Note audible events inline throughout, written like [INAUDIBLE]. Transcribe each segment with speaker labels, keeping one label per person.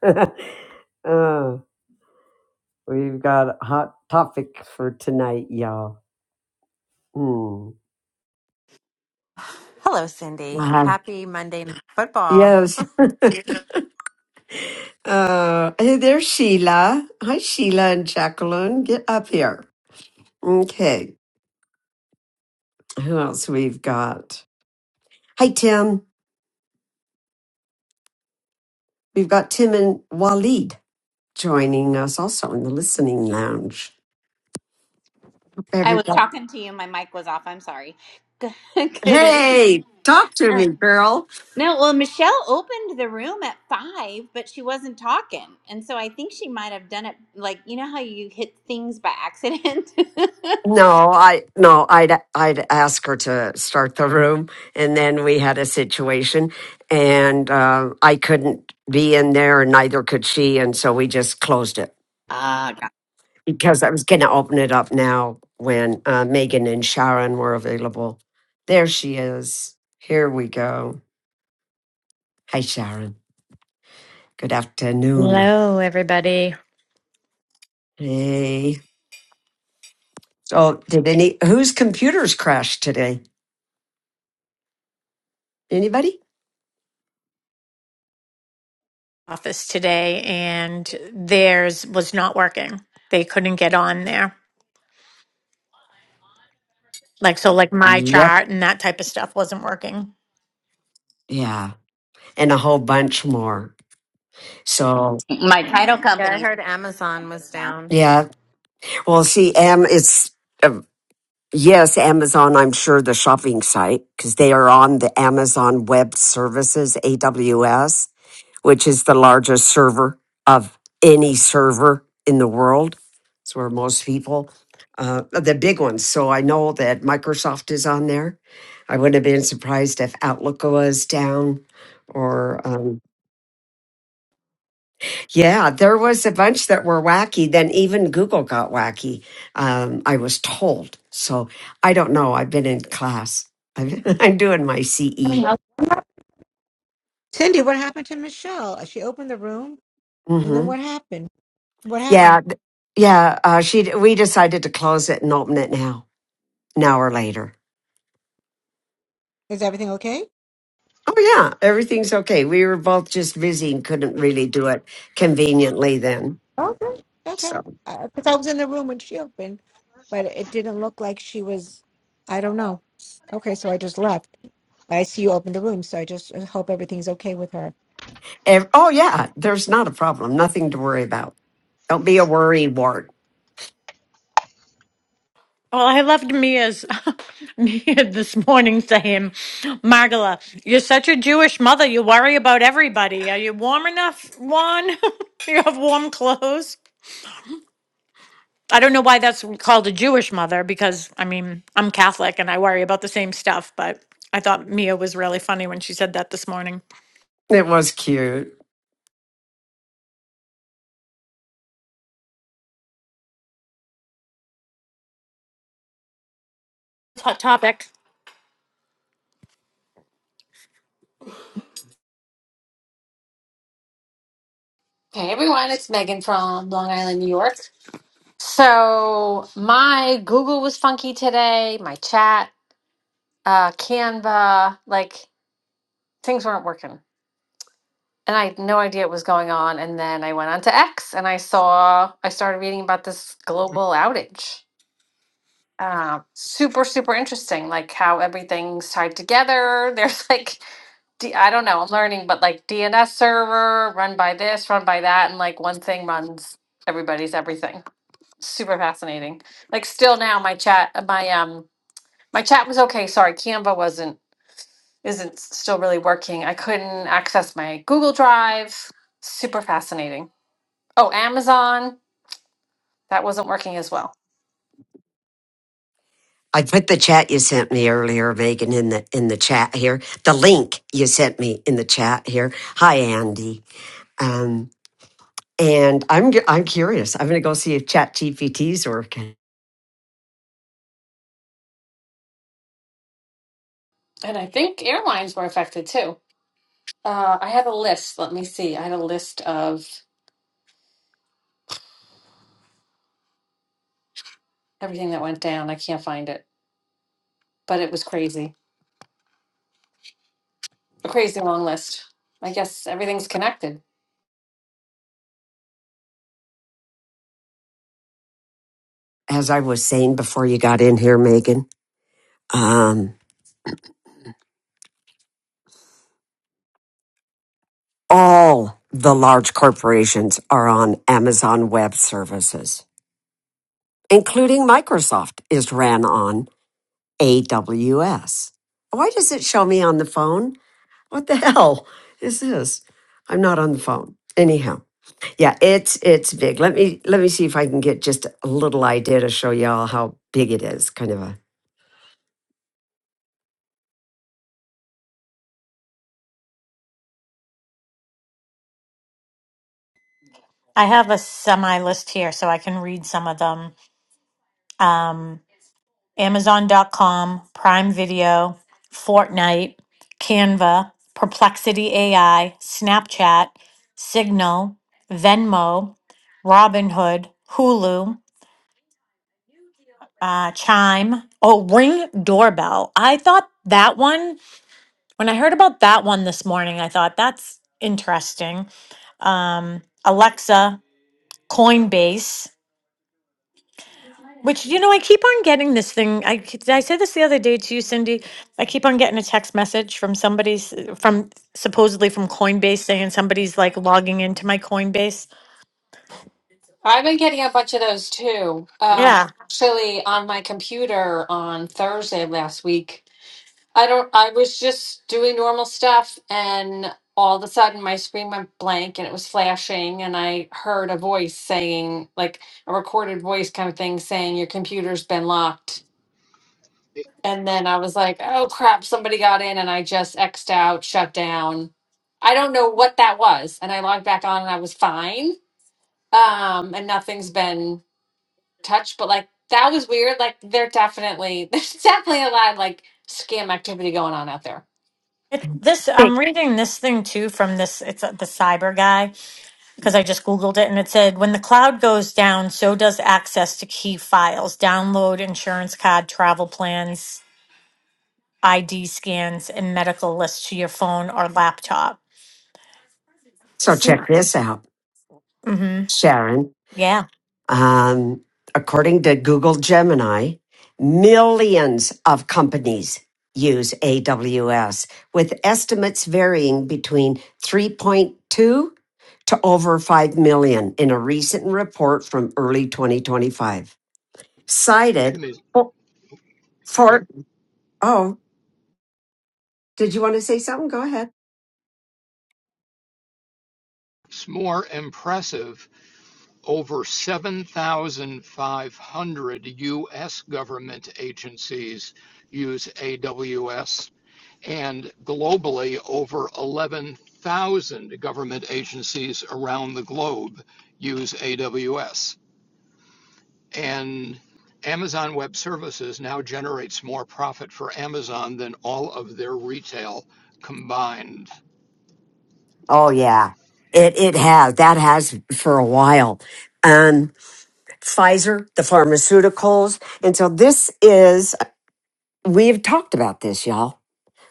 Speaker 1: [LAUGHS] uh, we've got a hot topic for tonight, y'all. Hmm.
Speaker 2: Hello, Cindy.
Speaker 1: Uh,
Speaker 2: Happy Monday Night Football.
Speaker 1: yes. Uh, hey, there's Sheila. Hi, Sheila and Jacqueline. Get up here. Okay. Who else we've got? Hi, Tim. We've got Tim and Waleed joining us also in the listening lounge.
Speaker 3: I was
Speaker 1: Everybody.
Speaker 3: talking to you. My mic was off. I'm sorry. [LAUGHS] Good evening.
Speaker 1: Hey, talk to
Speaker 3: Oh.
Speaker 1: me, girl.
Speaker 3: No, well, Michelle opened the room at five, but she wasn't talking. And so I think she might have done it like, you know how you hit things by accident? [LAUGHS]
Speaker 1: No, I no, I'd I'd ask her to start the room, and then we had a situation, and uh, I couldn't be in there, and neither could she, and so we just closed it
Speaker 3: Ah, got
Speaker 1: because I was going to open it up now when uh, Megan and Sharon were available. There she is. Here we go. Hi, Sharon. Good afternoon.
Speaker 4: Hello, everybody.
Speaker 1: Hey. So, did any whose computers crashed today? Anybody?
Speaker 4: Office today, and theirs was not working. They couldn't get on there. Like, so, like my
Speaker 1: Yep.
Speaker 4: chart and that type of stuff wasn't working.
Speaker 1: Yeah, and a whole bunch more. So
Speaker 3: it. my title
Speaker 2: Yeah, I
Speaker 3: company
Speaker 2: heard Amazon
Speaker 3: system was
Speaker 2: was
Speaker 3: down.
Speaker 2: down.
Speaker 1: yeah, well, see, Am it's uh, yes, Amazon. I'm sure the shopping site because they are on the Amazon Web Services (AWS), which is the largest server of any server in the world. It's where most people, uh, the big ones. So I know that Microsoft is on there. I wouldn't have been surprised if Outlook was down, or um, Yeah, there was a bunch that were wacky. Then even Google got wacky. Um, I was told. So I don't know. I've been in class. I'm, [LAUGHS] I'm doing my
Speaker 5: I don't
Speaker 1: CE.
Speaker 5: know. Cindy, what happened to Michelle? Uh, She opened the room, and then
Speaker 1: hmm
Speaker 5: what happened? What
Speaker 1: Yeah,
Speaker 5: happened?
Speaker 1: th- yeah. Uh, she. We decided to close it and open it now. An hour later.
Speaker 5: Is everything okay?
Speaker 1: Oh yeah, everything's okay. We were both just busy and couldn't really do it conveniently then.
Speaker 5: Okay. Okay.
Speaker 1: So.
Speaker 5: Because I was in the room when she opened, but it didn't look like she was. I don't know. Okay, so I just left. I see you opened the room, so I just uh, hope everything's okay with her.
Speaker 1: ev- oh yeah, there's not a problem. Nothing to worry about. Don't be a worry wart.
Speaker 4: Well, I loved Mia's [LAUGHS] Mia this morning saying, Margala, you're such a Jewish mother. You worry about everybody. Are you warm enough, Juan? [LAUGHS] Do you have warm clothes? I don't know why that's called a Jewish mother because, I mean, I'm Catholic and I worry about the same stuff, but I thought Mia was really funny when she said that this morning.
Speaker 1: It was cute.
Speaker 4: hot topic.
Speaker 6: Hey everyone, it's Megan from Long Island, New York. So my Google was funky today, my chat, uh, Canva, like things weren't working. And I had no idea what was going on. And then I went on to X and I saw, I started reading about this global outage. Uh, super, super interesting, like how everything's tied together. [LAUGHS] There's like, D- I don't know, I'm learning, but like DNS server run by this, run by that. And like one thing runs everybody's everything. super fascinating. Like still now my chat my um my chat was okay, sorry, Canva wasn't isn't still really working. I couldn't access my Google Drive. Super fascinating. Oh, Amazon, that wasn't working as well.
Speaker 1: I put the chat you sent me earlier, Megan, in the in the chat here. The link you sent me in the chat here. Hi, Andy. Um, and I'm gu- I'm curious. I'm going to go see if Chat GPT's working.
Speaker 6: And I think airlines were affected too. Uh, I had a list. Let me see. I had a list of everything that went down. I can't find it, but it was crazy. A crazy long list. I guess everything's connected.
Speaker 1: As I was saying before you got in here, Megan, um, all the large corporations are on Amazon Web Services, including Microsoft is ran on AWS. Why does it show me on the phone? What the hell is this? I'm not on the phone. Anyhow, yeah, it's it's big. Let me let me see if I can get just a little idea to show y'all how big it is. Kind of a
Speaker 4: I have a semi list here so I can read some of them. Um, Amazon.com, Prime Video, Fortnite, Canva, Perplexity AI, Snapchat, Signal, Venmo, Robinhood, Hulu, uh, Chime. Oh, Ring Doorbell. I thought that one, when I heard about that one this morning, I thought that's interesting. Um, Alexa, Coinbase. Which, you know, I keep on getting this thing. I, ke- I said this the other day to you, Cindy. I keep on getting a text message from somebody's, from supposedly from Coinbase saying somebody's like logging into my Coinbase.
Speaker 6: I've been getting a bunch of those too. Um,
Speaker 4: Yeah.
Speaker 6: actually, on my computer on Thursday of last week, I don't. I was just doing normal stuff, and all of a sudden, my screen went blank, and it was flashing, and I heard a voice saying, like a recorded voice kind of thing, saying your computer's been locked.
Speaker 7: it
Speaker 6: And then I was like, oh crap, somebody got in, and I just xed out, shut down. I don't know what that was, and I logged back on, and I was fine. Um, and nothing's been touch, but like that was weird. Like they're definitely [LAUGHS] there's definitely a lot of like scam activity going on out there.
Speaker 4: It, this, I'm reading this thing too from this, it's uh, the cyber guy, because I just Googled it and it said, when the cloud goes down, so does access to key files, download insurance card, travel plans, ID scans, and medical lists to your phone or laptop.
Speaker 1: So
Speaker 4: See?
Speaker 1: check this out,
Speaker 4: Mm
Speaker 1: Sharon.
Speaker 4: hmm.
Speaker 1: Um, according to Google Gemini, millions of companies use AWS, with estimates varying between 3.2 to over 5 million in a recent report from early 2025. Cited
Speaker 7: is
Speaker 1: for,
Speaker 7: sorry
Speaker 1: for oh, did you want to say something? Go ahead.
Speaker 7: it's more impressive over 7500 US government agencies use AWS and globally over 11000 government agencies around the globe use AWS and Amazon Web Services now generates more profit for Amazon than all of their retail combined
Speaker 1: Oh yeah, it it has that has for a while. Um, Pfizer, the pharmaceuticals, and so this is we've talked about this, y'all.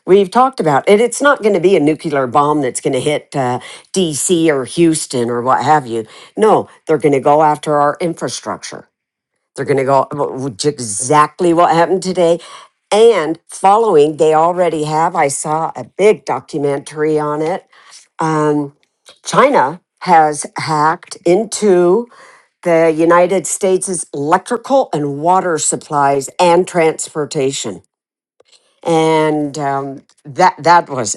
Speaker 1: We've talked about it. It's not going to be a nuclear bomb that's going to hit uh, D.C. or Houston or what have you. No, they're going to go after our infrastructure. They're going to go which exactly what happened today. And following, they already have. I saw a big documentary on it. Um, China has hacked into the United States' electrical and water supplies and transportation. And um, that that was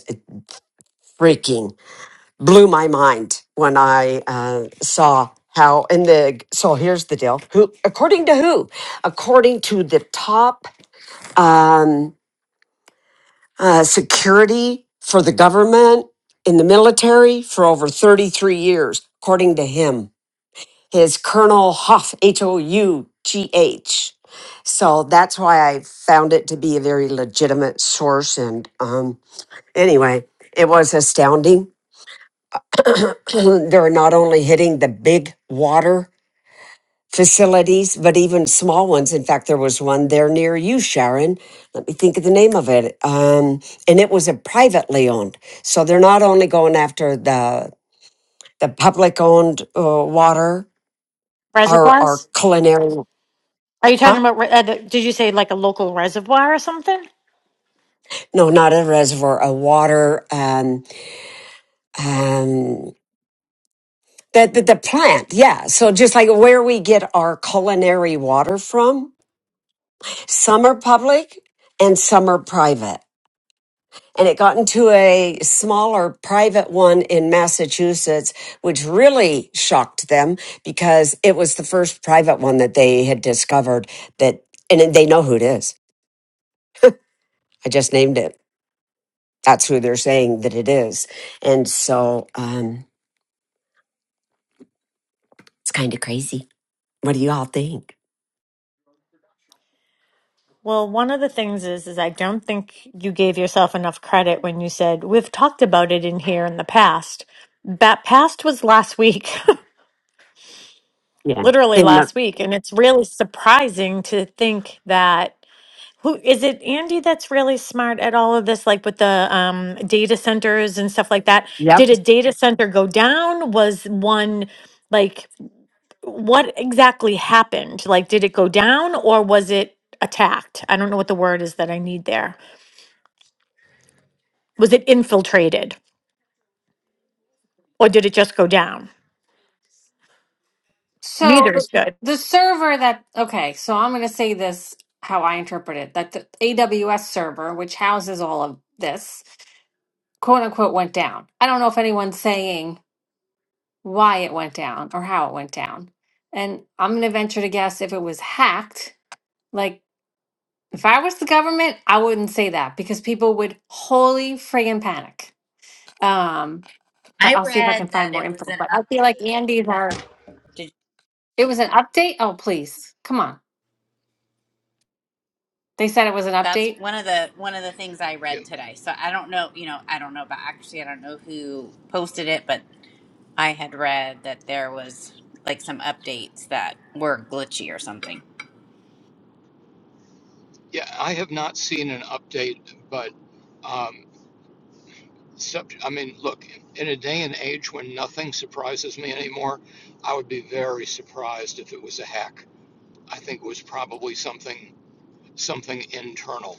Speaker 1: freaking blew my mind when I uh, saw how in the so here's the deal. Who according to who? According to the top um, uh, security for the government in the military for over 33 years, according to him his Colonel Hoff, H O U G H. So that's why I found it to be a very legitimate source. And um, anyway, it was astounding. [CLEARS THROAT] They're not only hitting the big water facilities, but even small ones. In fact, there was one there near you, Sharon. Let me think of the name of it. Um, and it was a privately owned. So they're not only going after the the public owned uh, water, our our
Speaker 4: Reservoirs?
Speaker 1: culinary,
Speaker 4: Are you
Speaker 1: huh?
Speaker 4: talking about? re- Uh, the- did you say like a local reservoir or something?
Speaker 1: no, not a reservoir, a water, um, um, the, the, the plant. Yeah. So just like where we get our culinary water from, some are public and some are private. And it got into a smaller private one in Massachusetts, which really shocked them because it was the first private one that they had discovered that, and they know who it is. I just named it. That's who they're saying that it is. And so, um, it's kind of crazy. What do you all think?
Speaker 4: Well, one of the things is, is I don't think you gave yourself enough credit when you said we've talked about it in here in the past. That past was last week, [LAUGHS]
Speaker 1: Yeah.
Speaker 4: literally
Speaker 1: In the,
Speaker 4: last week, and it's really surprising to think that who is it? Andy, that's really smart at all of this, like with the um, data centers and stuff like that. Did
Speaker 1: yep.
Speaker 4: a data center go down? Was one like? what exactly happened? Like, did it go down or was it attacked? I don't know what the word is that I need there. Was it infiltrated or did it just go down?
Speaker 6: So
Speaker 4: Neither
Speaker 6: the
Speaker 4: is good.
Speaker 6: the server that okay, so I'm gonna say this how I interpret it that the AWS server, which houses all of this, quote unquote, went down. I don't know if anyone's saying why it went down or how it went down. And I'm going to venture to guess if it was hacked, like if I was the government, I wouldn't say that because people would holy friggin' panic. Um, but
Speaker 3: I
Speaker 6: I'll see if I can
Speaker 3: read
Speaker 6: find
Speaker 3: that
Speaker 6: more
Speaker 3: it was
Speaker 6: info.
Speaker 3: an
Speaker 6: But I feel like
Speaker 3: update.
Speaker 6: Andy's our,
Speaker 3: Did,
Speaker 6: it was an update. Oh, please. Come on. They said it was an
Speaker 3: that's
Speaker 6: update.
Speaker 3: one of the one of the things I read today. So I don't know, you know, I don't know about accuracy. I don't know who posted it, but I had read that there was like some updates that were glitchy or something.
Speaker 7: Yeah, I have not seen an update, but um, sub- I mean, look, in a day and age when nothing surprises me anymore, I would be very surprised if it was a hack. I think it was probably something something internal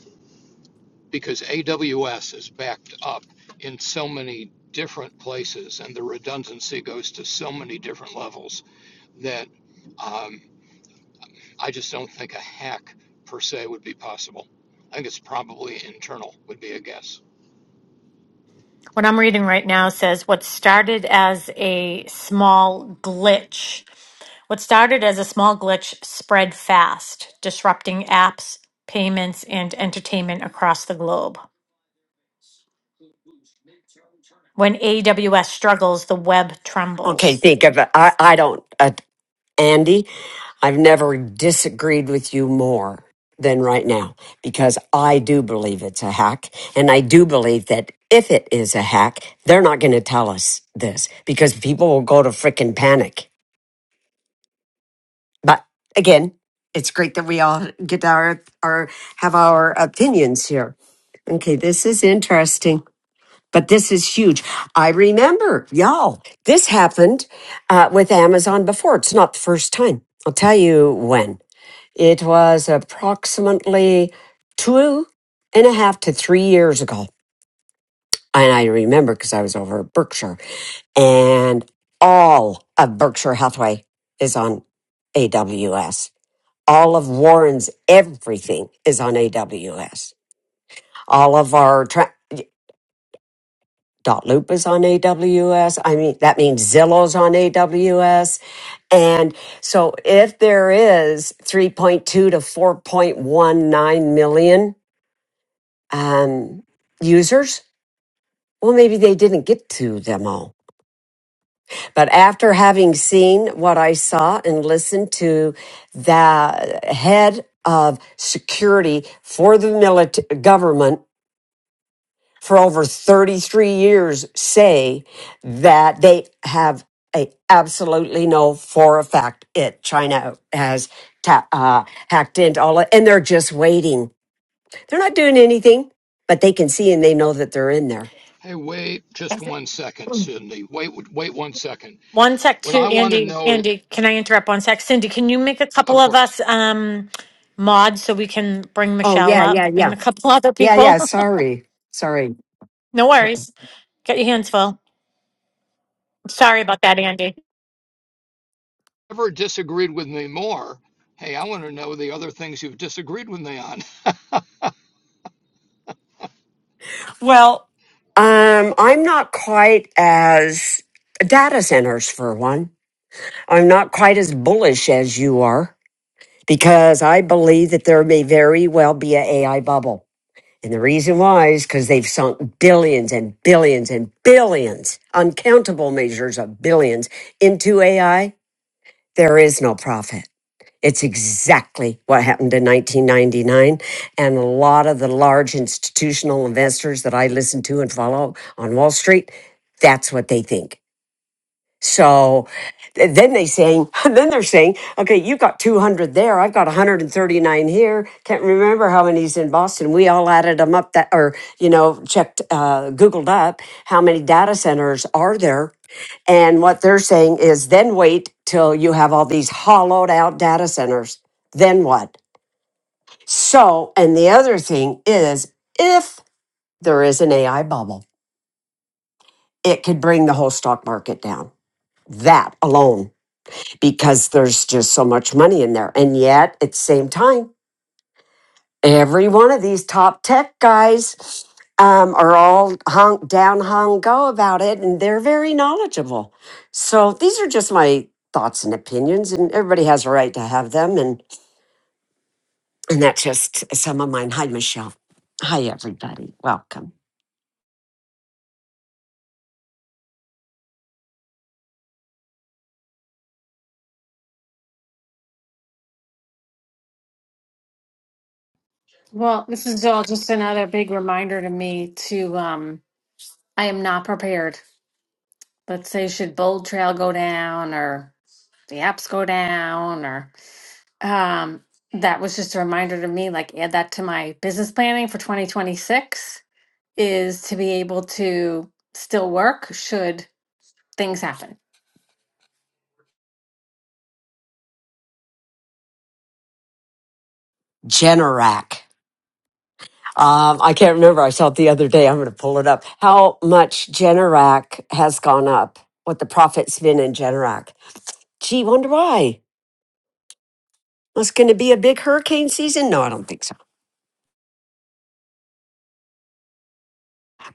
Speaker 7: because AWS is backed up in so many different places, and the redundancy goes to so many different levels that um, I just don't think a hack per se would be possible. I think it's probably internal, would be a guess.
Speaker 4: What I'm reading right now says what started as a small glitch. What started as a small glitch spread fast, disrupting apps, payments, and entertainment across the globe. When AWS struggles, the web
Speaker 1: Okay,
Speaker 4: trembles.
Speaker 1: think of it. I, I don't, uh, Andy, I've never disagreed with you more than right now because I do believe it's a hack. And I do believe that if it is a hack, they're not going to tell us this because people will go to freaking panic. But again, it's great that we all get our, our, have our opinions here. Okay, this is interesting. But this is huge. I remember, y'all, this happened uh, with Amazon before. It's not the first time. I'll tell you when. It was approximately two and a half to three years ago. And I remember because I was over at Berkshire, and all of Berkshire Hathaway is on AWS. All of Warren's everything is on AWS. All of our track. Dot Loop is on AWS. I mean, that means Zillow's on AWS. And so if there is 3.2 to 4.19 million um, users, well, maybe they didn't get to them all. But after having seen what I saw and listened to the head of security for the military government for over 33 years say that they have a absolutely no for a fact it China has ta- uh, hacked into all it, and they're just waiting. They're not doing anything, but they can see and they know that they're in there.
Speaker 7: Hey, wait just one second, Cindy. Wait, wait one second.
Speaker 4: One sec,
Speaker 7: What
Speaker 4: too,
Speaker 7: I want to
Speaker 4: Andy.
Speaker 7: know,
Speaker 4: Andy, can I interrupt one sec? Cindy, can you make a couple
Speaker 7: of
Speaker 4: of
Speaker 7: course,
Speaker 4: us um mods so we can bring
Speaker 1: Oh
Speaker 4: Michelle
Speaker 1: yeah,
Speaker 4: up
Speaker 1: yeah,
Speaker 4: and
Speaker 1: yeah,
Speaker 4: a couple other
Speaker 1: yeah,
Speaker 4: people?
Speaker 1: yeah.
Speaker 4: [LAUGHS]
Speaker 1: Sorry, sorry.
Speaker 4: No worries. Get your hands full. Sorry about that, Andy.
Speaker 7: never disagreed with me more. Hey, I want to know the other things you've disagreed with me on. [LAUGHS]
Speaker 1: Well, um, I'm not quite as data centers for one. I'm not quite as bullish as you are. because I believe that there may very well be an AI bubble. And the reason why is because they've sunk billions and billions and billions, uncountable measures of billions into AI. There is no profit. It's exactly what happened in 1999. And a lot of the large institutional investors that I listen to and follow on Wall Street, that's what they think. So th- then they saying, [LAUGHS] then they're saying, okay, you got 200 there. I've got 139 here. Can't remember how many's in Boston. We all added them up that, or, you know, checked, uh, Googled up how many data centers are there. And what they're saying is then wait till you have all these hollowed out data centers. Then what? So, and the other thing is if there is an AI bubble, it could bring the whole stock market down. That alone because there's just so much money in there. And yet, at the same time, every one of these top tech guys um, are all hung, down hung go about it, and they're very knowledgeable. So these are just my thoughts and opinions, and everybody has a right to have them. And and that's just some of mine. Hi, Michelle. Hi, everybody. Welcome.
Speaker 6: Well, this is all just another big reminder to me to um I am not prepared. Let's say should Bold Trail go down or the apps go down or um that was just a reminder to me, like add that to my business planning for 2026. is to be able to still work should things happen.
Speaker 1: Generac. Um, I can't remember. I saw it the other day. I'm going to pull it up. How much Generac has gone up? What the profit's been in Generac? Gee, wonder why. Was going to be a big hurricane season? No, I don't think so.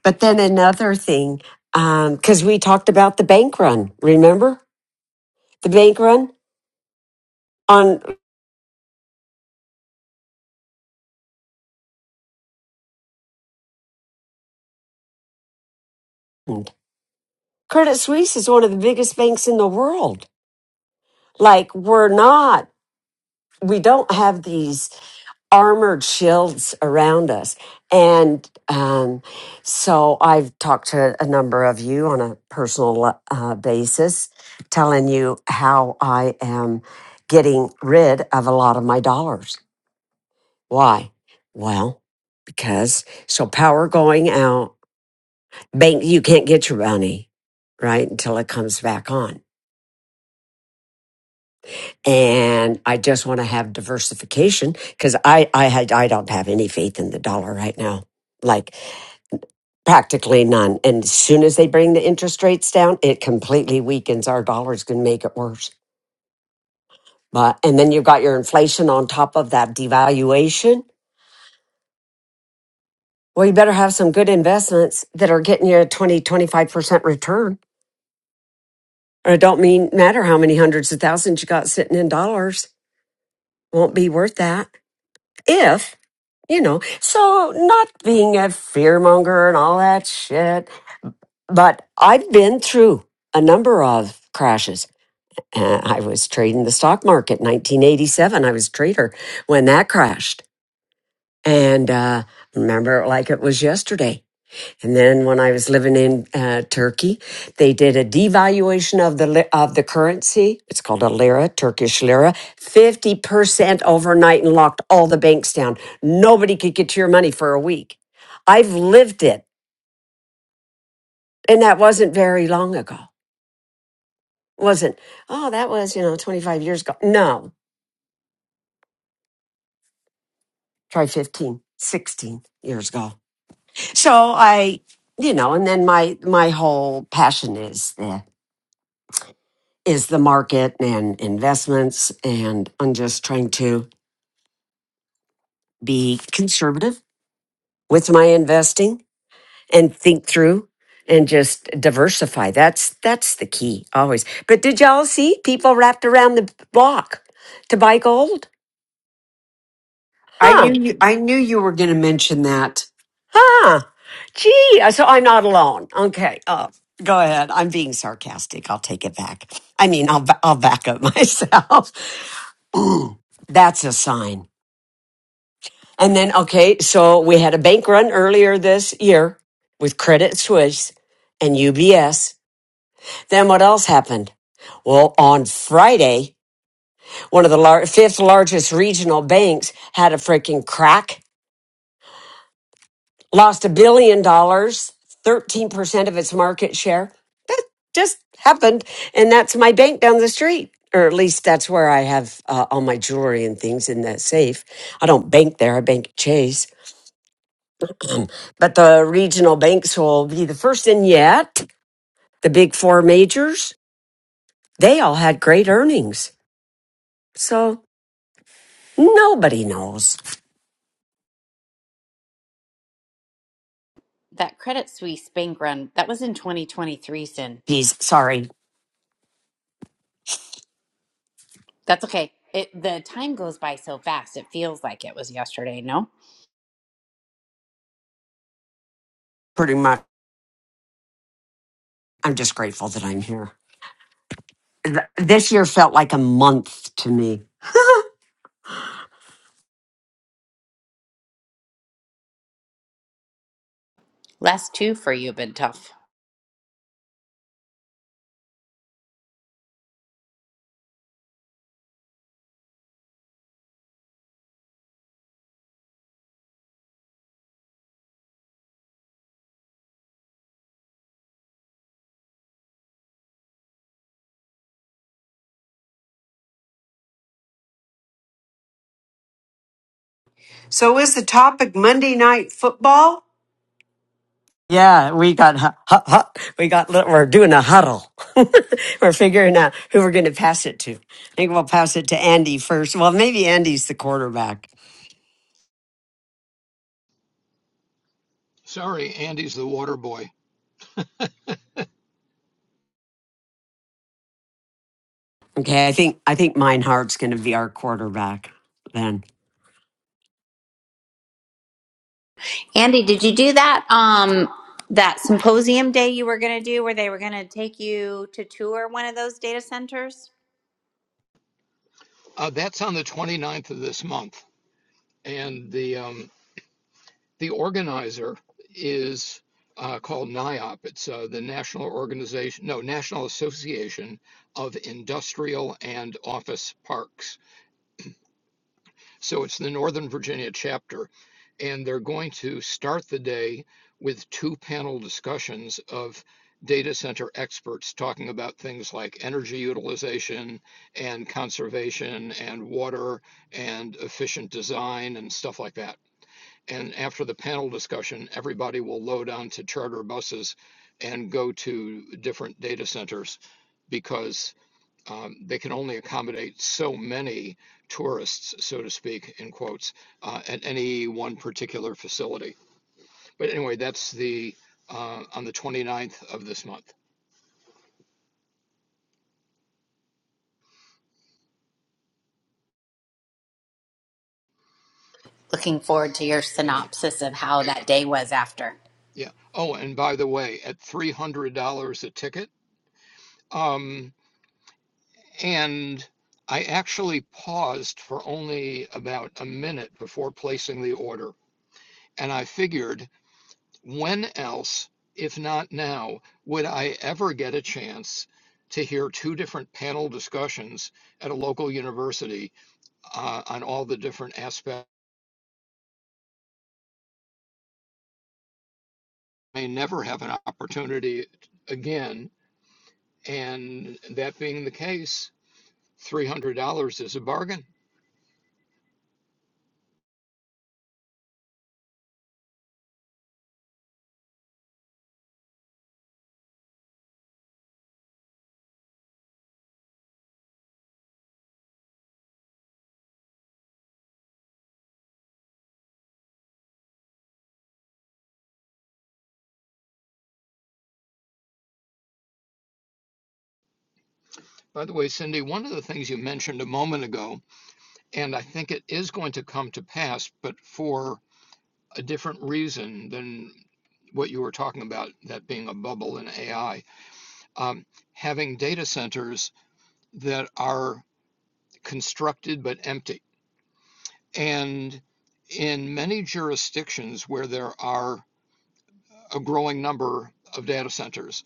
Speaker 1: But then another thing, because we talked about the bank run. Remember the bank run on [CLEARS THROAT] Credit Suisse is one of the biggest banks in the world. Like we're not, we don't have these. armored shields around us. And um, so I've talked to a number of you on a personal uh, basis, telling you how I am getting rid of a lot of my dollars. Why? Well, because so power going out, bank, you can't get your money, right? Until it comes back on. And I just want to have diversification because I, I, had- I don't have any faith in the dollar right now. Like Practically none. And as soon as they bring the interest rates down, it completely weakens our dollars, going to make it worse. But, and then you've got your inflation on top of that devaluation. Well, you better have some good investments that are getting you a twenty twenty five percent return. And It don't mean matter how many hundreds of thousands you got sitting in dollars. Won't be worth that if, you know, so not being a fearmonger and all that shit. But I've been through a number of crashes. Uh, I was trading the stock market 1987. I was a trader when that crashed. And uh, remember it like it was yesterday. And then when I was living in uh, Turkey, they did a devaluation of the li- of the currency. It's called a lira, Turkish lira, 50% overnight and locked all the banks down. Nobody could get to your money for a week. I've lived it. And that wasn't very long ago. Wasn't, oh, that was, you know, 25 years ago. No, try 15, 16 years ago so i you know and then my my whole passion is the is the market and investments and i'm just trying to be conservative with my investing and think through and just diversify that's that's the key always but did y'all see people wrapped around the block to buy gold
Speaker 8: I
Speaker 1: Huh.
Speaker 8: knew you, I knew you were going to mention that.
Speaker 1: Ah, Gee, uh, so I'm not alone. Okay. Uh, go ahead. I'm being sarcastic. I'll take it back. I mean, I'll, ba- I'll back up [LAUGHS] myself. [CLEARS THROAT] Mm, That's a sign. And then, okay, so we had a bank run earlier this year with Credit Suisse and UBS. Then what else happened? Well, on Friday, one of the lar- fifth largest regional banks had a freaking crack, lost a billion dollars, 13% of its market share. just happened and that's my bank down the street or at least that's where i have uh, all my jewelry and things in that safe i don't bank there i bank at chase but the regional banks will be the first and yet the big four majors they all had great earnings so nobody knows
Speaker 3: That Credit Suisse bank run that was in 2023, Sin.
Speaker 1: he's sorry
Speaker 3: That's okay. It the time goes by so fast. It feels like it was yesterday. No,
Speaker 1: pretty much i'm just grateful that i'm here Th- this year felt like a month to me
Speaker 3: last two for you have been tough.
Speaker 8: So is the topic Monday night football?
Speaker 1: Yeah, we got hu- hu- hu- we got li- we're doing a huddle. [LAUGHS] we're figuring out who we're going to pass it to. I think we'll pass it to Andy first. Well, maybe Andy's the quarterback.
Speaker 7: Sorry, Andy's the water boy.
Speaker 1: Okay, I think I think Meinhardt's going to be our quarterback then.
Speaker 3: Andy, did you do that um that symposium day you were going to do where they were going to take you to tour one of those data centers?
Speaker 7: Uh, that's on the 29th of this month, and the um, the organizer is uh, called NIOP. It's uh, the National Organization, no, National Association of Industrial and Office Parks So it's the Northern Virginia chapter. And they're going to start the day with two panel discussions of data center experts talking about things like energy utilization and conservation and water and efficient design and stuff like that. And after the panel discussion, everybody will load onto charter buses and go to different data centers because um, they can only accommodate so many tourists, so to speak, in quotes, uh, at any one particular facility. But anyway, that's the uh, on the twenty ninth of this month.
Speaker 3: Looking forward to your
Speaker 7: Yeah,
Speaker 3: synopsis of how that day was after.
Speaker 7: yeah. Oh, and by the way, at $300 a ticket, um, and I actually paused for only about a minute before placing the order, and I figured When else, if not now, would I ever get a chance to hear two different panel discussions at a local university uh, on all the different aspects? I may never have an opportunity again. And that being the case, $300 is a bargain. By the way, Cindy, one of the things you mentioned a moment ago, and I think it is going to come to pass, but for a different reason than what you were talking about, that being a bubble in AI um, having data centers that are constructed but empty. And in many jurisdictions where there are a growing number of data centers,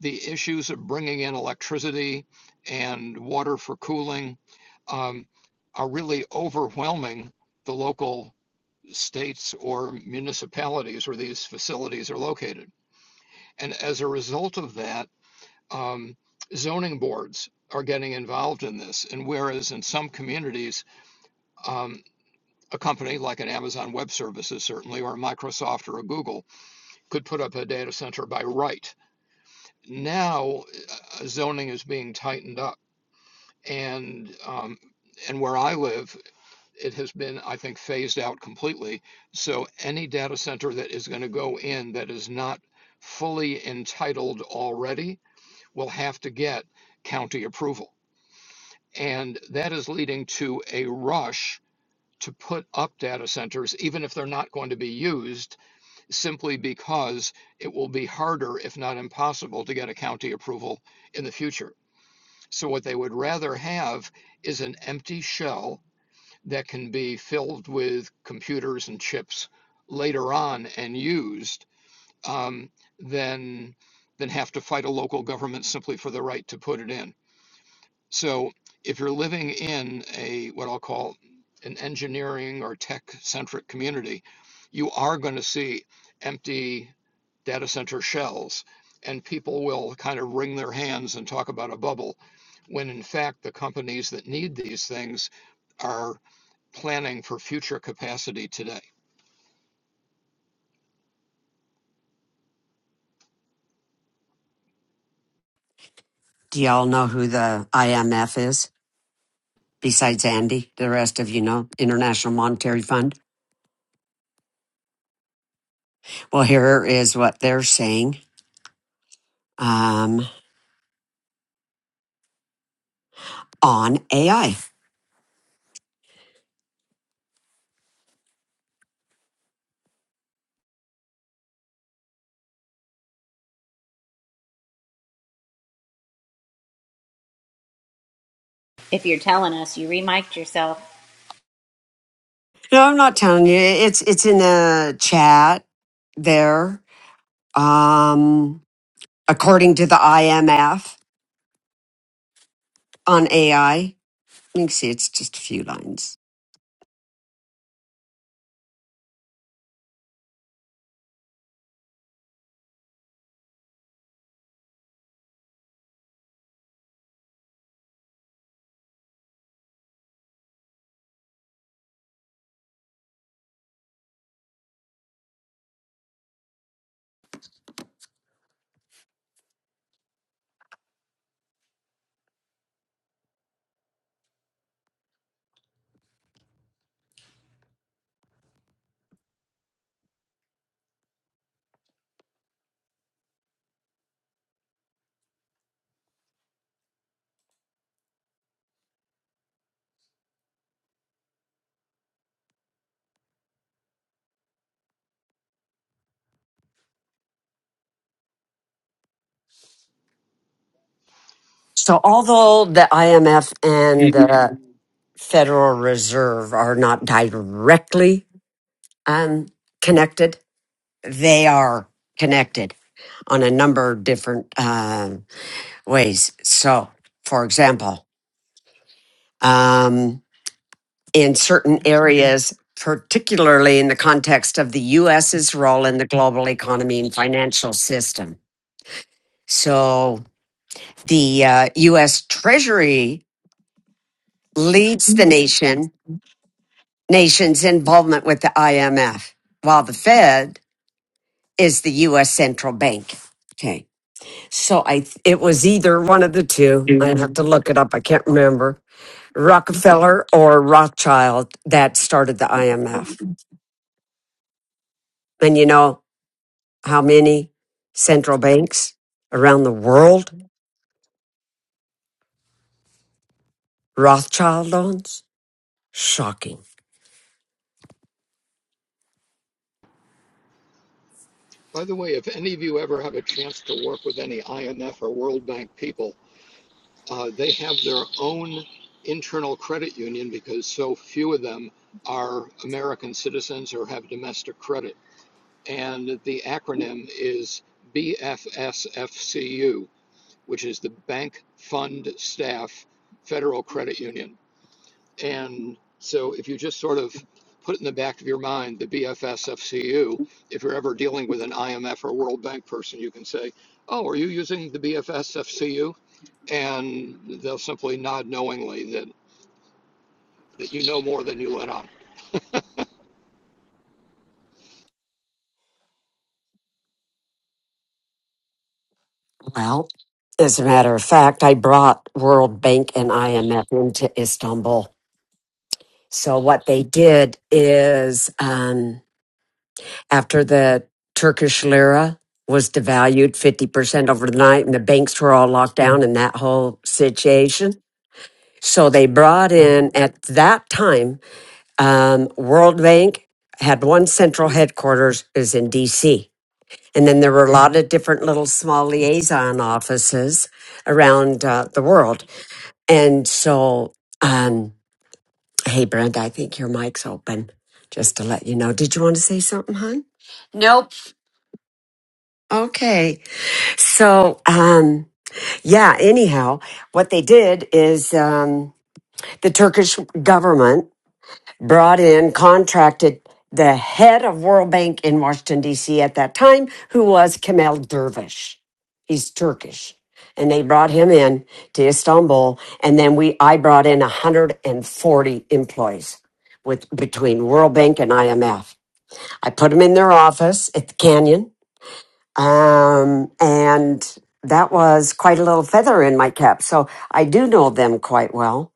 Speaker 7: the issues of bringing in electricity and water for cooling um, are really overwhelming the local states or municipalities where these facilities are located. And as a result of that, um, zoning boards are getting involved in this. And whereas in some communities, um, a company like an Amazon Web Services, certainly, or a Microsoft or a Google, could put up a data center by right. Now, uh, zoning is being tightened up, and um, and where I live, it has been, I think, phased out completely. So any data center that is going to go in that is not fully entitled already will have to get county approval. And that is leading to a rush to put up data centers, even if they're not going to be used, simply because it will be harder, if not impossible, to get a county approval in the future. So, what they would rather have is an empty shell that can be filled with computers and chips later on and used um, than, than have to fight a local government simply for the right to put it in. So if you're living in a what I'll call an engineering or tech centric community, you are going to see empty data center shells and people will kind of wring their hands and talk about a bubble when in fact the companies that need these things are planning for future capacity today.
Speaker 1: Do y'all know who the IMF is besides Andy? The rest of you know International Monetary Fund. Well, here is what they're saying um, on AI.
Speaker 3: If you're telling us, you remiked yourself.
Speaker 1: No, I'm not telling you. It's it's in the chat there. Um, according to the IMF on AI, you can see it's just a few lines. So, although the IMF and the Federal Reserve are not directly um, connected, they are connected on a number of different um ways. So, for example. um, in certain areas, particularly in the context of the U.S.'s role in the global economy and financial system. So the uh, U.S. Treasury leads the nation nation's involvement with the IMF, while the Fed is the U.S. central bank. Okay, so I th- it was either one of the two. I have to look it up. I can't remember Rockefeller or Rothschild that started the IMF. And you know, how many central banks around the world Rothschild owns? Shocking.
Speaker 7: By the way, if any of you ever have a chance to work with any IMF or World Bank people, uh, they have their own internal credit union because so few of them are American citizens or have domestic credit. And the acronym is BFSFCU, which is the Bank Fund Staff Federal Credit Union. And so if you just sort of put in the back of your mind the BFSFCU, if you're ever dealing with an IMF or World Bank person, you can say, Oh, are you using the BFSFCU? and they'll simply nod knowingly that, that you know more than you let on.
Speaker 1: Well, as a matter of fact, I brought World Bank and IMF into Istanbul. So what they did is um, after the Turkish lira was devalued 50% overnight and the banks were all locked down in that whole situation. So they brought in at that time Um, World Bank had one central headquarters is in DC. And then there were a lot of different little small liaison offices around uh, the world. And so, um, hey, Brenda, I think your mic's open just to let you know. Did you want to say something, hon?
Speaker 8: Nope.
Speaker 1: Okay. So, um, yeah, anyhow, what they did is um, the Turkish government brought in, contracted the head of World Bank in Washington, D.C. at that time, who was Kemal Dervish. He's Turkish. And they brought him in to Istanbul. And then we, I brought in 140 employees with between World Bank and IMF. I put them in their office at the Canyon. Um, and that was quite a little feather in my cap. So I do know them quite well.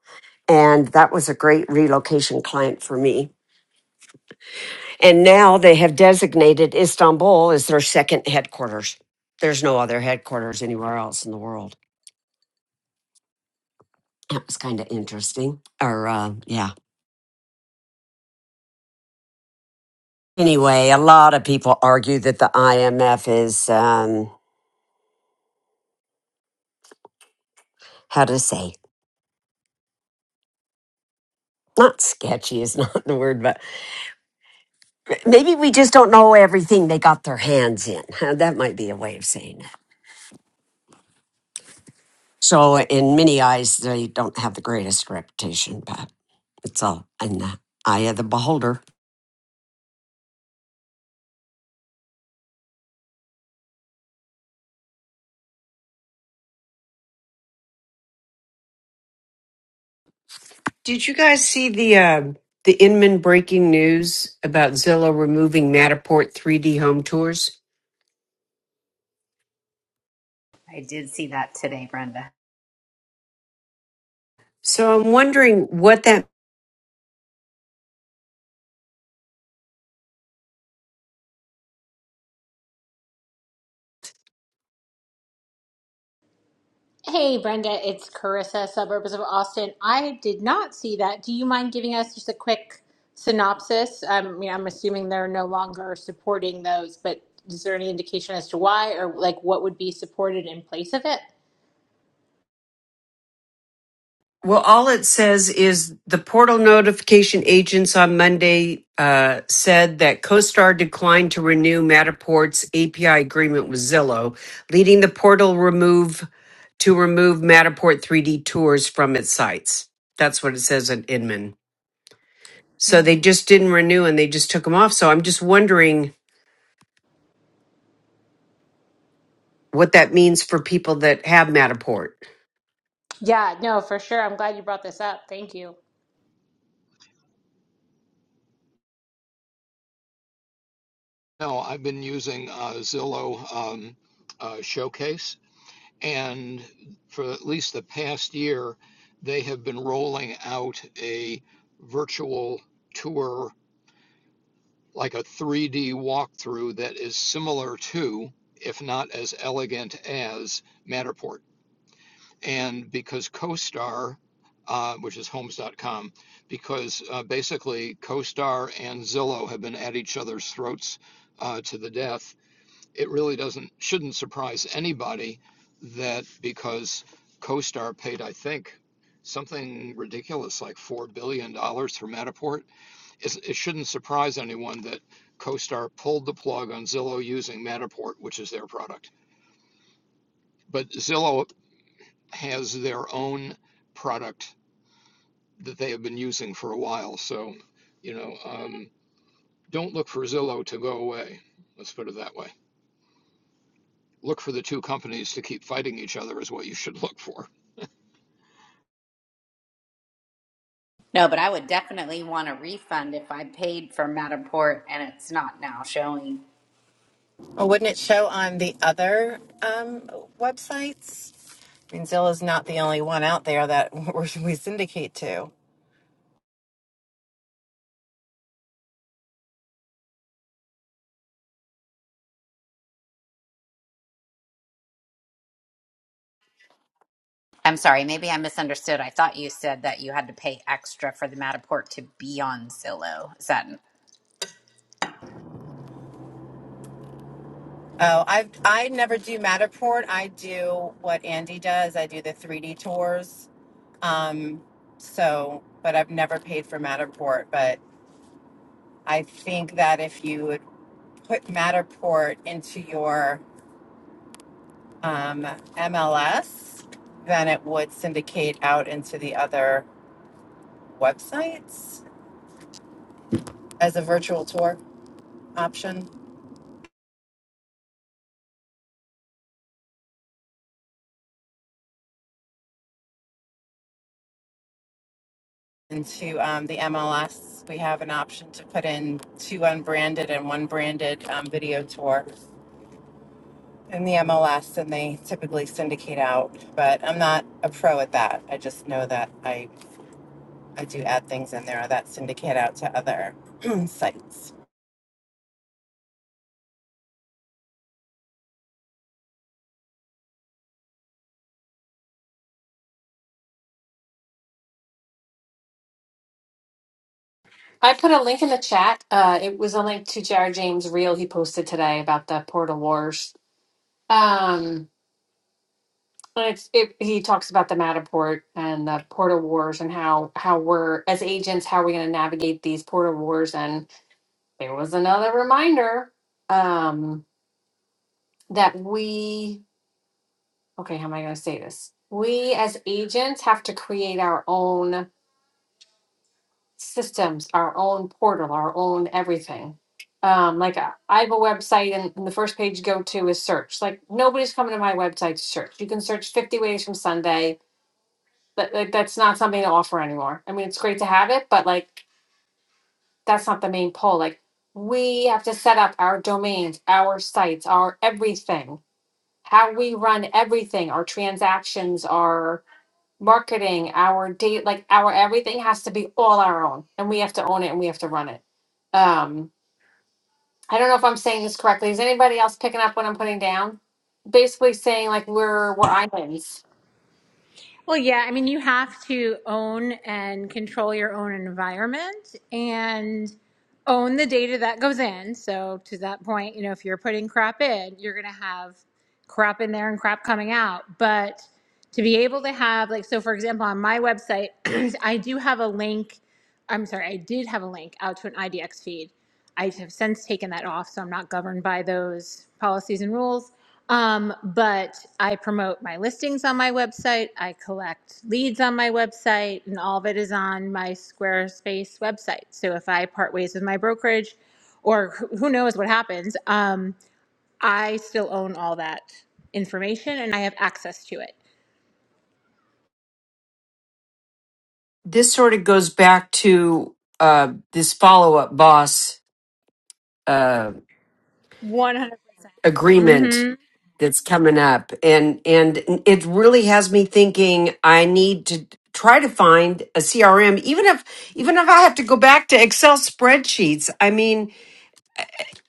Speaker 1: And that was a great relocation client for me and now they have designated Istanbul as their second headquarters. There's no other headquarters anywhere else in the world. That was kind of interesting. Or, uh, yeah. Anyway, a lot of people argue that the IMF is, um, how to say, not sketchy is [LAUGHS] not the word, but maybe we just don't know everything they got their hands in. [LAUGHS] That might be a way of saying it. So, in many eyes, they don't have the greatest reputation, but it's all in the eye of the beholder.
Speaker 8: Did you guys see the uh, the Inman breaking news about Zillow removing Matterport 3D home tours?
Speaker 3: I did see that today, Brenda.
Speaker 8: So I'm wondering what that
Speaker 9: Hey, Brenda, it's Carissa, suburbs of Austin. I did not see that. Do you mind giving us just a quick synopsis? Um, I mean, I'm assuming they're no longer supporting those, but is there any indication as to why or like what would be supported in place of it?
Speaker 8: Well, all it says is the portal notification agents on Monday uh, said that CoStar declined to renew Matterport's API agreement with Zillow, leading the portal remove to remove Matterport 3D tours from its sites. That's what it says at Inman. So they
Speaker 9: Mm.
Speaker 8: just didn't renew and they just took them off. So I'm just wondering what that means for people that have Matterport.
Speaker 9: Yeah, no, for sure. I'm glad you brought this up. Thank you.
Speaker 7: Now I've been using uh, Zillow um, uh, Showcase, and for at least the past year, they have been rolling out a virtual tour, like a 3D walkthrough that is similar to, if not as elegant as, Matterport. and because CoStar, uh, which is homes.com, because uh, basically CoStar and Zillow have been at each other's throats uh, to the death, it really doesn't shouldn't surprise anybody that because CoStar paid, I think, something ridiculous like four billion dollars for Matterport, it shouldn't surprise anyone that CoStar pulled the plug on Zillow using Matterport, which is their product. But Zillow has their own product that they have been using for a while. So, you know, um, don't look for Zillow to go away. Let's put it that way. Look for the two companies to keep fighting each other is what you should look for.
Speaker 3: No, but I would definitely want a refund if I paid for Matterport and it's not now showing.
Speaker 2: Well, wouldn't it show on the other um, websites? I mean, Zilla's not the only one out there that [LAUGHS] we syndicate to.
Speaker 3: I'm sorry, maybe I misunderstood. I thought you said that you had to pay extra for the Matterport to be on Zillow. Is that?
Speaker 2: Oh, I I never do Matterport. I do what Andy does. I do the 3D tours. Um, so, but I've never paid for Matterport. But I think that if you would put Matterport into your um, MLS, then it would syndicate out into the other websites as a virtual tour option. Into um, the MLS, we have an option to put in two unbranded and one branded um, video tour in the MLS, and they typically syndicate out. But I'm not a pro at that. I just know that I, I do add things in there that syndicate out to other [CLEARS THROAT] sites.
Speaker 6: I put a link in the chat. Uh, it was a link to Jared James' reel he posted today about the Portal Wars. Um, and it's, it, he talks about the Matterport and the Portal Wars and how how we're as agents how we're going to navigate these Portal Wars. And there was another reminder um, that we okay, how am I going to say this? We as agents have to create our own systems, our own portal, our own everything. Um, like I I have a website, and, and the first page you go to is search. Like nobody's coming to my website to search. You can search fifty ways from Sunday, but like that's not something to offer anymore. I mean, it's great to have it, but like that's not the main pull. Like we have to set up our domains, our sites, our everything, how we run everything, our transactions, our marketing, our date, like our everything has to be all our own, and we have to own it and we have to run it. Um, I don't know if I'm saying this correctly. Is anybody else picking up what I'm putting down? Basically saying like we're we're islands.
Speaker 9: Well, yeah, I mean, you have to own and control your own environment and own the data that goes in. So, to that point, you know, if you're putting crap in, you're going to have crap in there and crap coming out. But to be able to have, like, so for example, on my website, [CLEARS THROAT] I do have a link I'm sorry, I did have a link out to an IDX feed. I have since taken that off, so I'm not governed by those policies and rules. Um, but I promote my listings on my website. I collect leads on my website, and all of it is on my Squarespace website. So if I part ways with my brokerage, or who who knows what happens, um, I still own all that information and I have access to it.
Speaker 8: This sort of goes back to uh, this follow up boss.
Speaker 9: 100.
Speaker 8: agreement that's coming up and and it really has me thinking i need to try to find a crm even if even if i have to go back to excel spreadsheets i mean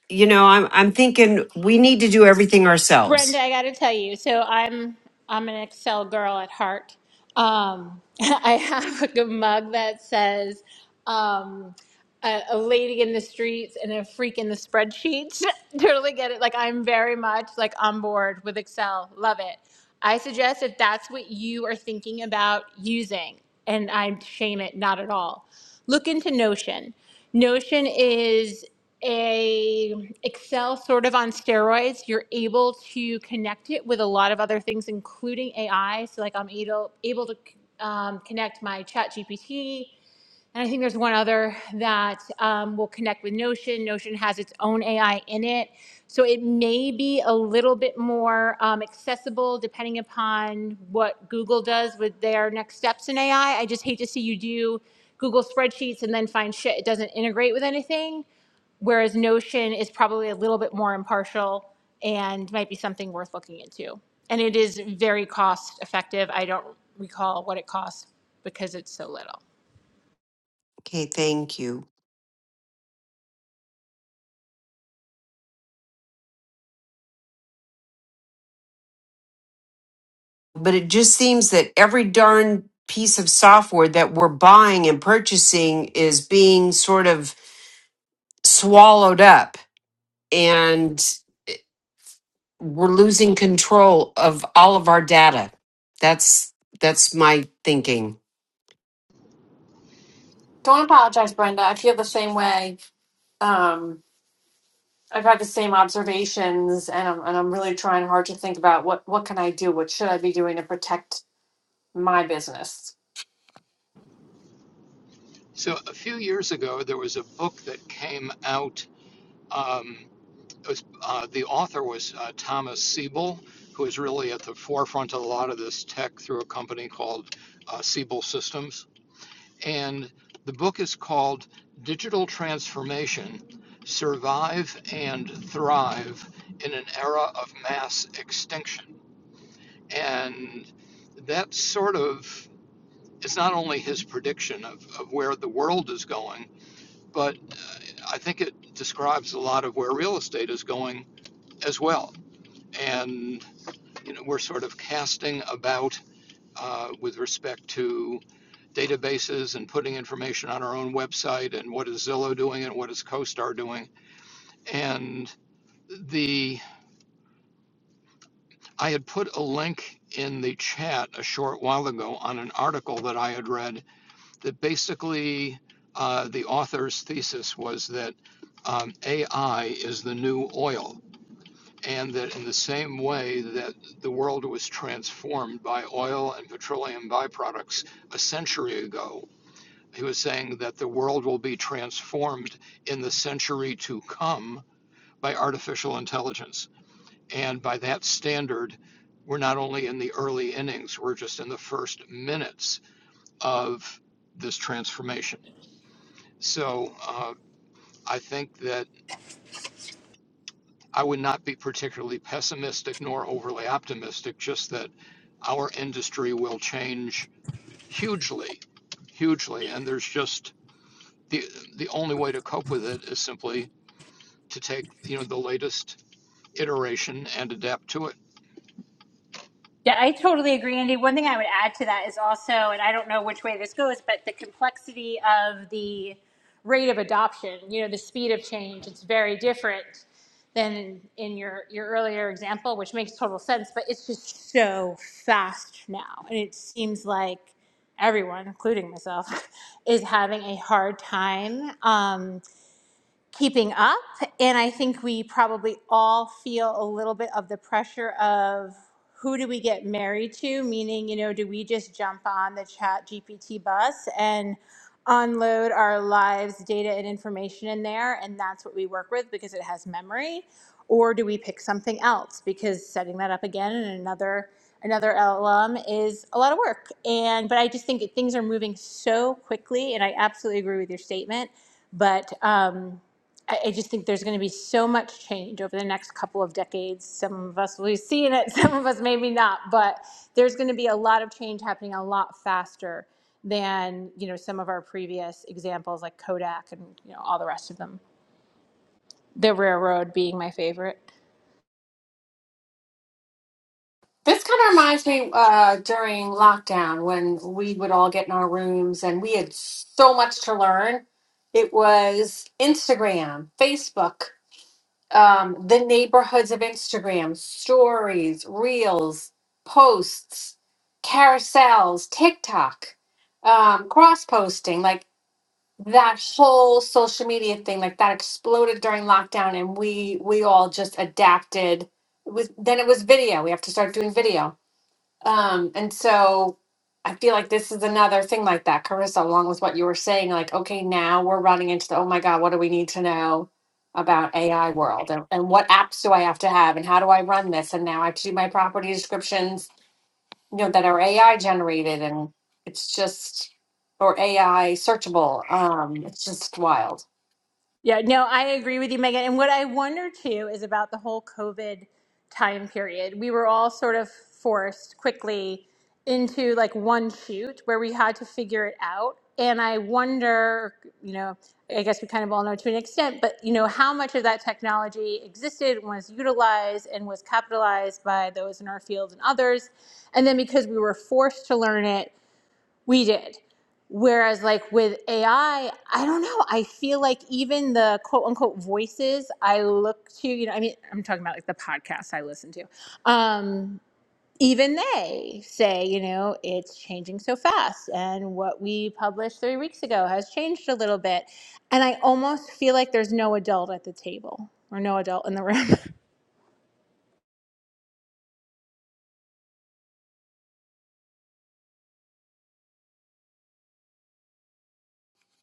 Speaker 8: you know i'm i'm thinking we need to do everything
Speaker 9: Brenda,
Speaker 8: ourselves
Speaker 9: I got to tell you, so I'm I'm an Excel girl at heart. Um, [LAUGHS] I have a good mug that says um, a, a lady in the streets and a freak in the spreadsheets. [LAUGHS] totally get it. Like I'm very much like on board with Excel. Love it. I suggest if that's what you are thinking about using, and I shame it not at all. Look into Notion. Notion is a Excel sort of on steroids. You're able to connect it with a lot of other things, including AI. So like I'm able able to um, connect my Chat GPT, and I think there's one other that um, will connect with Notion. Notion has its own AI in it, so it may be a little bit more um, accessible depending upon what Google does with their next steps in AI. I I just hate to see you do Google spreadsheets and then find shit it doesn't integrate with anything whereas Notion is probably a little bit more impartial and might be something worth looking into. And it is very cost effective. I don't recall what it costs because it's so little.
Speaker 8: okay thank you but it just seems that every darn piece of software that we're buying and purchasing is being sort of swallowed up and we're losing control of all of our data. That's that's my thinking.
Speaker 6: Don't apologize, Brenda. I feel the same way. Um, I've had the same observations, and I'm and I'm really trying hard to think about what what can I do, what should I be doing to protect my business.
Speaker 7: So, a few years ago, there was a book that came out. Um, it was, uh, the author was uh, Thomas Siebel, who is really at the forefront of a lot of this tech through a company called uh, Siebel Systems and the book is called Digital Transformation Survive and Thrive in an Era of Mass Extinction. And that sort of is not only his prediction of, of where the world is going, but I think it describes a lot of where real estate is going as well. And you know, we're sort of casting about uh, with respect to databases and putting information on our own website and what is Zillow doing and what is CoStar doing. And the I had put a link in the chat a short while ago on an article that I had read that basically uh, the author's thesis was that um, AI is the new oil, and that in the same way that the world was transformed by oil and petroleum byproducts a century ago, He was saying that the world will be transformed in the century to come by artificial intelligence. And by that standard, we're not only in the early innings, we're just in the first minutes of this transformation. So uh, I think that I would not be particularly pessimistic nor overly optimistic, just that our industry will change hugely, hugely. And there's just the, the only way to cope with it is simply to take, you know, the latest iteration and adapt to it.
Speaker 9: Yeah, I totally agree, Andy. One thing I would add to that is also, and I don't know which way this goes, but the complexity of the rate of adoption, you know, the speed of change, it's very different than in your, your earlier example, which makes total sense, but it's just so fast now. And it seems like everyone, including myself, [LAUGHS] is having a hard time. Um, keeping up. And I think we probably all feel a little bit of the pressure of who do we get married to? Meaning, you know, do we just jump on the chat GPT bus and unload our lives, data, and information in there? And that's what we work with because it has memory. Or do we pick something else? Because setting that up again in another another LLM is a lot of work. And but I just think that things are moving so quickly, and I absolutely agree with your statement but um, I, I just think there's going to be so much change over the next couple of decades. Some of us will be seeing it, [LAUGHS] some of us maybe not, but there's going to be a lot of change happening a lot faster than you know some of our previous examples like Kodak and you know all the rest of them. The railroad being my favorite.
Speaker 6: This kind of reminds me uh, during lockdown when we would all get in our rooms and we had so much to learn. It was Instagram, Facebook, um, the neighborhoods of Instagram, stories, reels, posts, carousels, TikTok, um, cross posting, like that whole social media thing, like that exploded during lockdown, and we we all just adapted. It was then it was video. We have to start doing video um, and so I feel like this is another thing like that, Carissa, along with what you were saying, like, okay, now we're running into the, oh my God, what do we need to know about AI world and, and what apps do I have to have and how do I run this? And now I have to do my property descriptions, you know, that are AI generated and it's just, or AI searchable. Um, it's just wild.
Speaker 9: Yeah, no, I agree with you, Megan. And what I wonder too is about the whole COVID time period. We were all sort of forced quickly into like one shoot where we had to figure it out. And I wonder, you know, I guess we kind of all know to an extent, but you know, how much of that technology existed, was utilized, and was capitalized by those in our field and others. And then because we were forced to learn it, we did. Whereas, like with AI, I I don't know. I feel like even the quote unquote voices I look to, you know, I mean, I'm talking about like the podcasts I listen to. Um, even they say, you know, it's changing so fast. And what we published three weeks ago has changed a little bit. And I almost feel like there's no adult at the table or no adult in the [LAUGHS] room.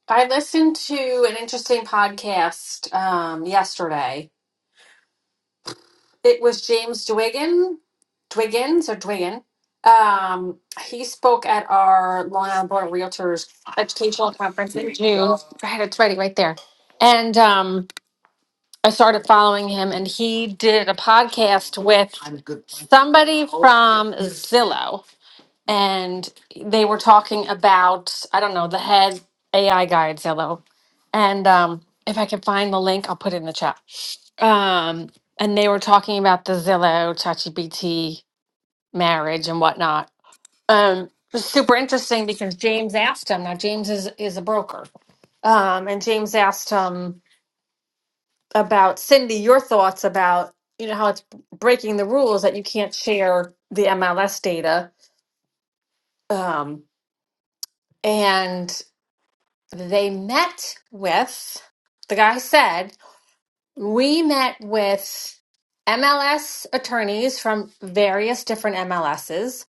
Speaker 6: I listened to an interesting podcast um, yesterday It was James Dwiggin, Dwiggins or Dwiggin. Um, he spoke at our Long Island Board of Realtors educational conference in June. I had it ready right there. And um, I started following him, and he did a podcast with somebody from Zillow and they were talking about I don't know the head AI guy at Zillow, and um, if I can find the link, I'll put it in the chat. Um, and they were talking about the Zillow ChatGPT marriage and whatnot. Um, it was super interesting because James asked him. Now James is is a broker, um, and James asked him about Cindy your thoughts about you know how it's breaking the rules that you can't share the MLS data. Um, and They met with, the guy said, we met with MLS attorneys from various different MLSs.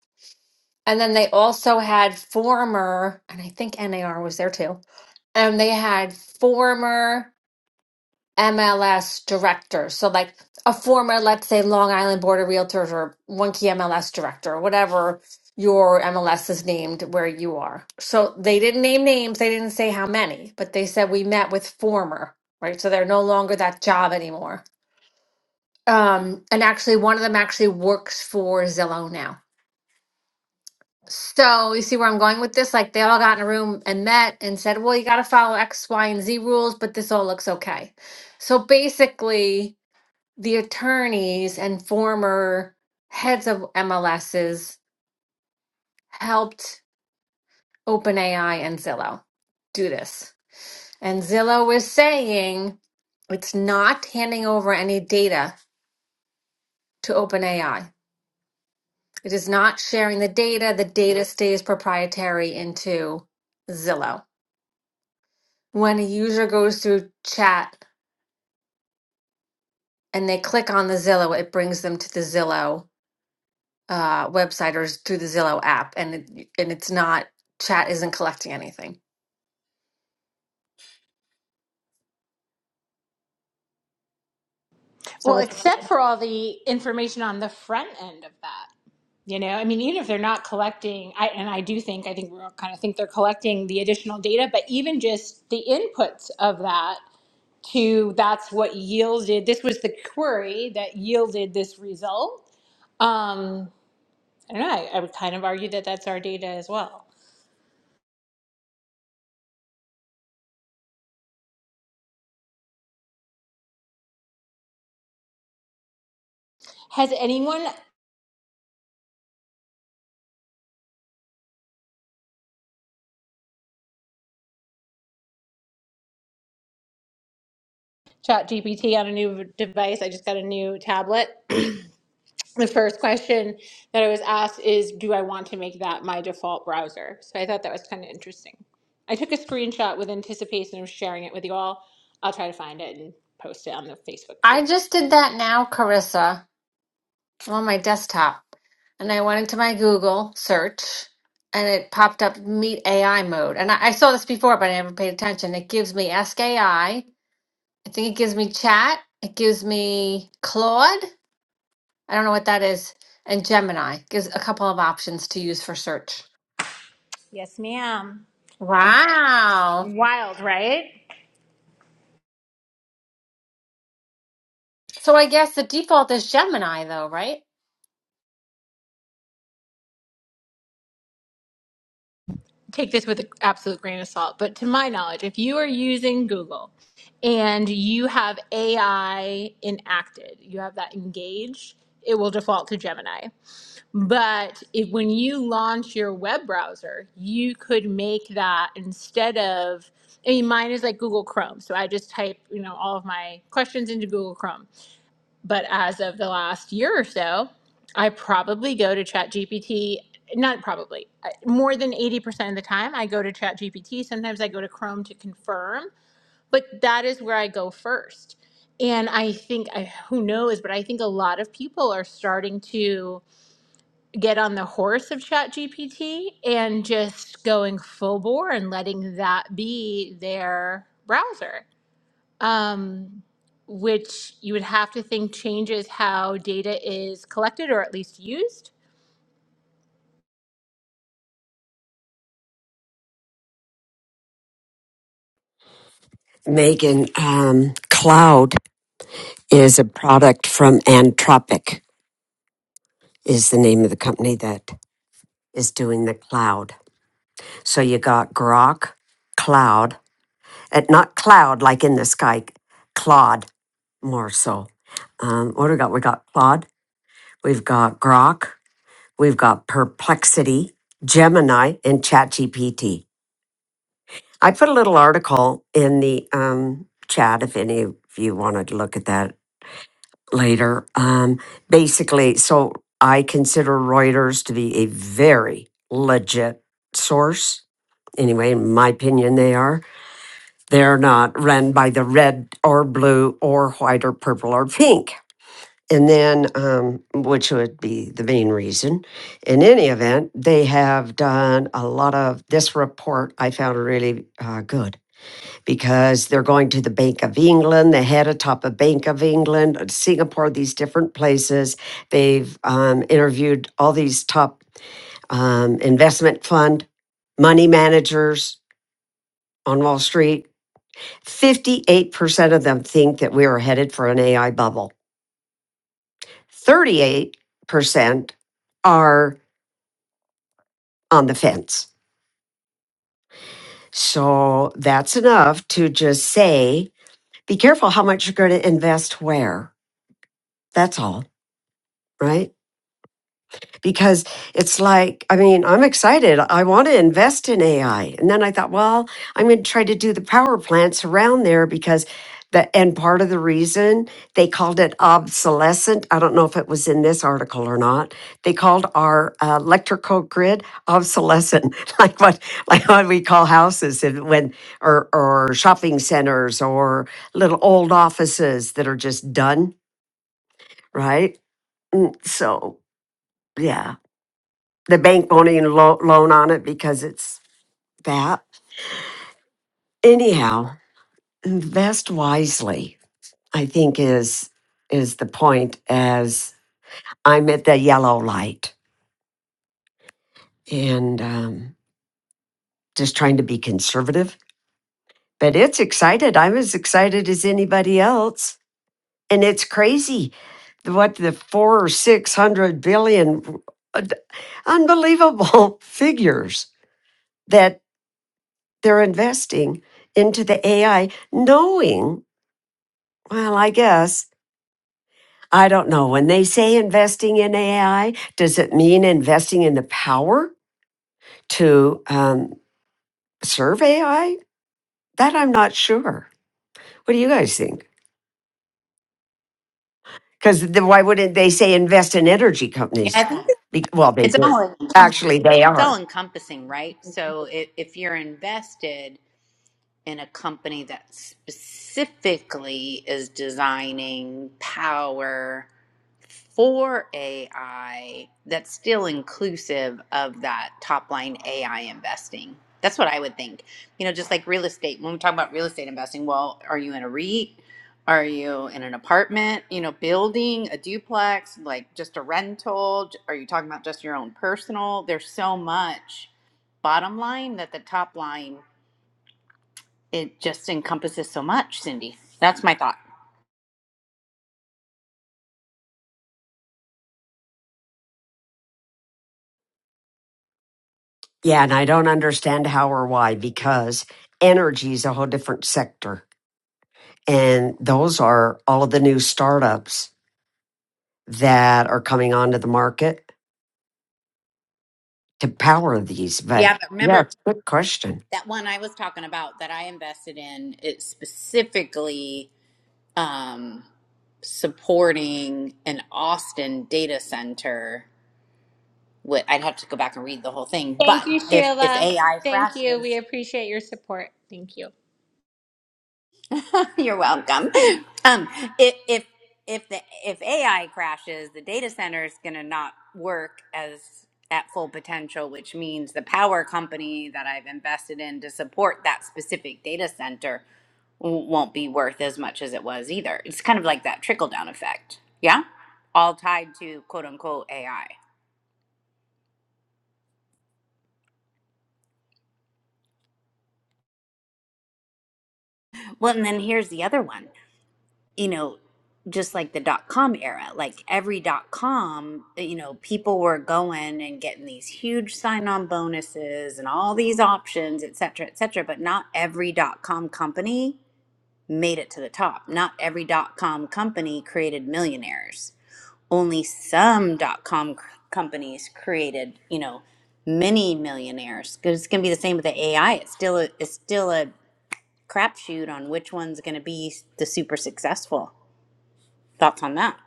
Speaker 6: And then they also had former, and I think NAR was there too. And they had former MLS director. So like a former, let's say, Long Island Board of Realtors or one key MLS director, whatever your MLS is named where you are. So they didn't name names, they didn't say how many, but they said we met with former, right? So they're no longer that job anymore. Um, and actually one of them actually works for Zillow now. So you see where I'm going with this? Like they all got in a room and met and said, Well, you gotta follow X, Y, and Z rules, but this all looks okay. So basically the attorneys and former heads of MLSs helped OpenAI and Zillow do this. And Zillow is saying it's not handing over any data to OpenAI. It is not sharing the data. The data stays proprietary into Zillow. When a user goes through chat and they click on the Zillow, it brings them to the Zillow uh, website or through the Zillow app, and it, and it's not chat isn't collecting anything. So
Speaker 9: Well,
Speaker 6: I
Speaker 9: except for all the information on the front end of that. You know, I mean, even if they're not collecting, I and I do think I think we all kind of think they're collecting the additional data, but even just the inputs of that to that's what yielded this was the query that yielded this result. Um, I don't know. I, I would kind of argue that that's our data as well. Has anyone chat GPT on a new device? I just got a new tablet. the first question that I was asked is, do I want to make that my default browser? So I thought that was kind of interesting. I took a screenshot with anticipation of sharing it with you all. I'll try to find it and post it on the Facebook group.
Speaker 6: I just did that now, Carissa, I'm on my desktop, and I went into my Google search, and it popped up Meet AI mode, and I, I saw this before, but I never paid attention. It gives me Ask AI. I I think it gives me Chat. It gives me Claude. I don't know what that is, and Gemini gives a couple of options to use for search.
Speaker 9: Yes, ma'am. And
Speaker 6: Wow.
Speaker 9: wild, right?
Speaker 6: So I guess the default is Gemini, though, right?
Speaker 9: take this with an absolute grain of salt, but to my knowledge, if you are using Google and you have AI enacted, you have that engaged, it will default to Gemini. But if, when you launch your web browser, you could make that instead of, I mean, mine is like Google Chrome. So I just type, you know, all of my questions into Google Chrome but as of the last year or so, I probably go to ChatGPT. Not probably. I- More than 80% of the time, I go to ChatGPT. Sometimes I go to Chrome to confirm, but that is where I go first. And I think, I, who knows, but I think a lot of people are starting to get on the horse of ChatGPT and just going full bore and letting that be their browser um, which you would have to think changes how data is collected or at least used.
Speaker 1: Megan, um, Cloud is a product from Anthropic, is the name of the company that is doing the cloud. So you got Grok, Cloud, uh, not cloud like in the sky, Claude, more so. Um, what do we got? We got Claude, we've got Grok, we've got Perplexity, Gemini, and ChatGPT. I put a little article in the um, chat if any of you wanted to look at that later. Um, basically, so I consider Reuters to be a very legit source. Anyway, in my opinion, they are. They're not run by the red or blue or white or purple or pink. And then, um, which would be the main reason. In any event, they have done a lot of this report I found really uh, good because they're going to the Bank of England, the head of top of Bank of England, Singapore, these different places. They've um, interviewed all these top um, investment fund money managers on Wall Street. 58% of them think that we are headed for an AI bubble. 38% are on the fence. So that's enough to just say, be careful how much you're going to invest where. That's all, right? because it's like, I mean, I'm excited. I want to invest in AI. And then I thought, well, I'm going to try to do the power plants around there because the, and part of the reason they called it obsolescent, I don't know if it was in this article or not. They called our uh, electrical grid obsolescent, [LAUGHS] like what, like what we call houses and when, or, or shopping centers or little old offices that are just done, right? So, yeah the bank won't even lo- loan on it because it's that. Anyhow, invest wisely. I think is is the point. As I'm at the yellow light and um, just trying to be conservative, but it's excited. I'm as excited as anybody else, and it's crazy. The- What the four or six hundred billion, uh, d- unbelievable [LAUGHS] figures that they're investing into the AI, knowing Well, I guess. I don't know. When they say investing in AI, does it mean investing in the power to um, serve AI? That I'm not sure. What do you guys think? Because why wouldn't they say invest in energy
Speaker 3: Yeah,
Speaker 1: companies?
Speaker 3: I think
Speaker 1: Be- well, they
Speaker 3: it's
Speaker 1: do.
Speaker 3: all
Speaker 1: Actually, they
Speaker 3: it's all
Speaker 1: are.
Speaker 3: encompassing, right? So if, if you're invested. in a company that specifically is designing power for AI that's still inclusive of that top line AI investing. That's what I would think. You know, just like real estate, when we talk about real estate investing, well, are you in a REIT? Are you in an apartment, you know, building, a duplex, like just a rental? J- Are you talking about just your own personal? There's so much bottom line that the top line it just encompasses so much, Cindy. That's my thought.
Speaker 1: Yeah, and I don't understand how or why because energy is a whole different sector. And those are all of the new startups that are coming onto the market to power these. But
Speaker 3: Yeah, but
Speaker 1: yeah,
Speaker 3: remember
Speaker 1: it's a good question.
Speaker 3: that one I was talking about that I invested in, it's specifically um, supporting an Austin data center. Wh- I'd have to go back and read the whole thing, but
Speaker 9: Thank you,
Speaker 3: if if
Speaker 9: Sheila.
Speaker 3: AI
Speaker 9: Thank you.
Speaker 3: crashes,
Speaker 9: We appreciate your support. Thank you.
Speaker 3: [LAUGHS] You're welcome. Um, if if if the if AI crashes, the data center is going to not work as at full potential, which means the power company that I've invested in to support that specific data center w- won't be worth as much as it was either. It's kind of like that trickle down effect. Yeah, all tied to quote unquote AI. Well, and then here's the other one. you know, just like the dot com era, like every dot com, you know, people were going and getting these huge sign on bonuses and all these options, et cetera, et cetera. But not every dot com company made it to the top. Not every dot com company created millionaires. Only some dot com c- companies created, you know, many millionaires. 'Cause It's going to be the same with the AI. It's still a, it's still a crapshoot on which one's going to be the super successful Thoughts on that?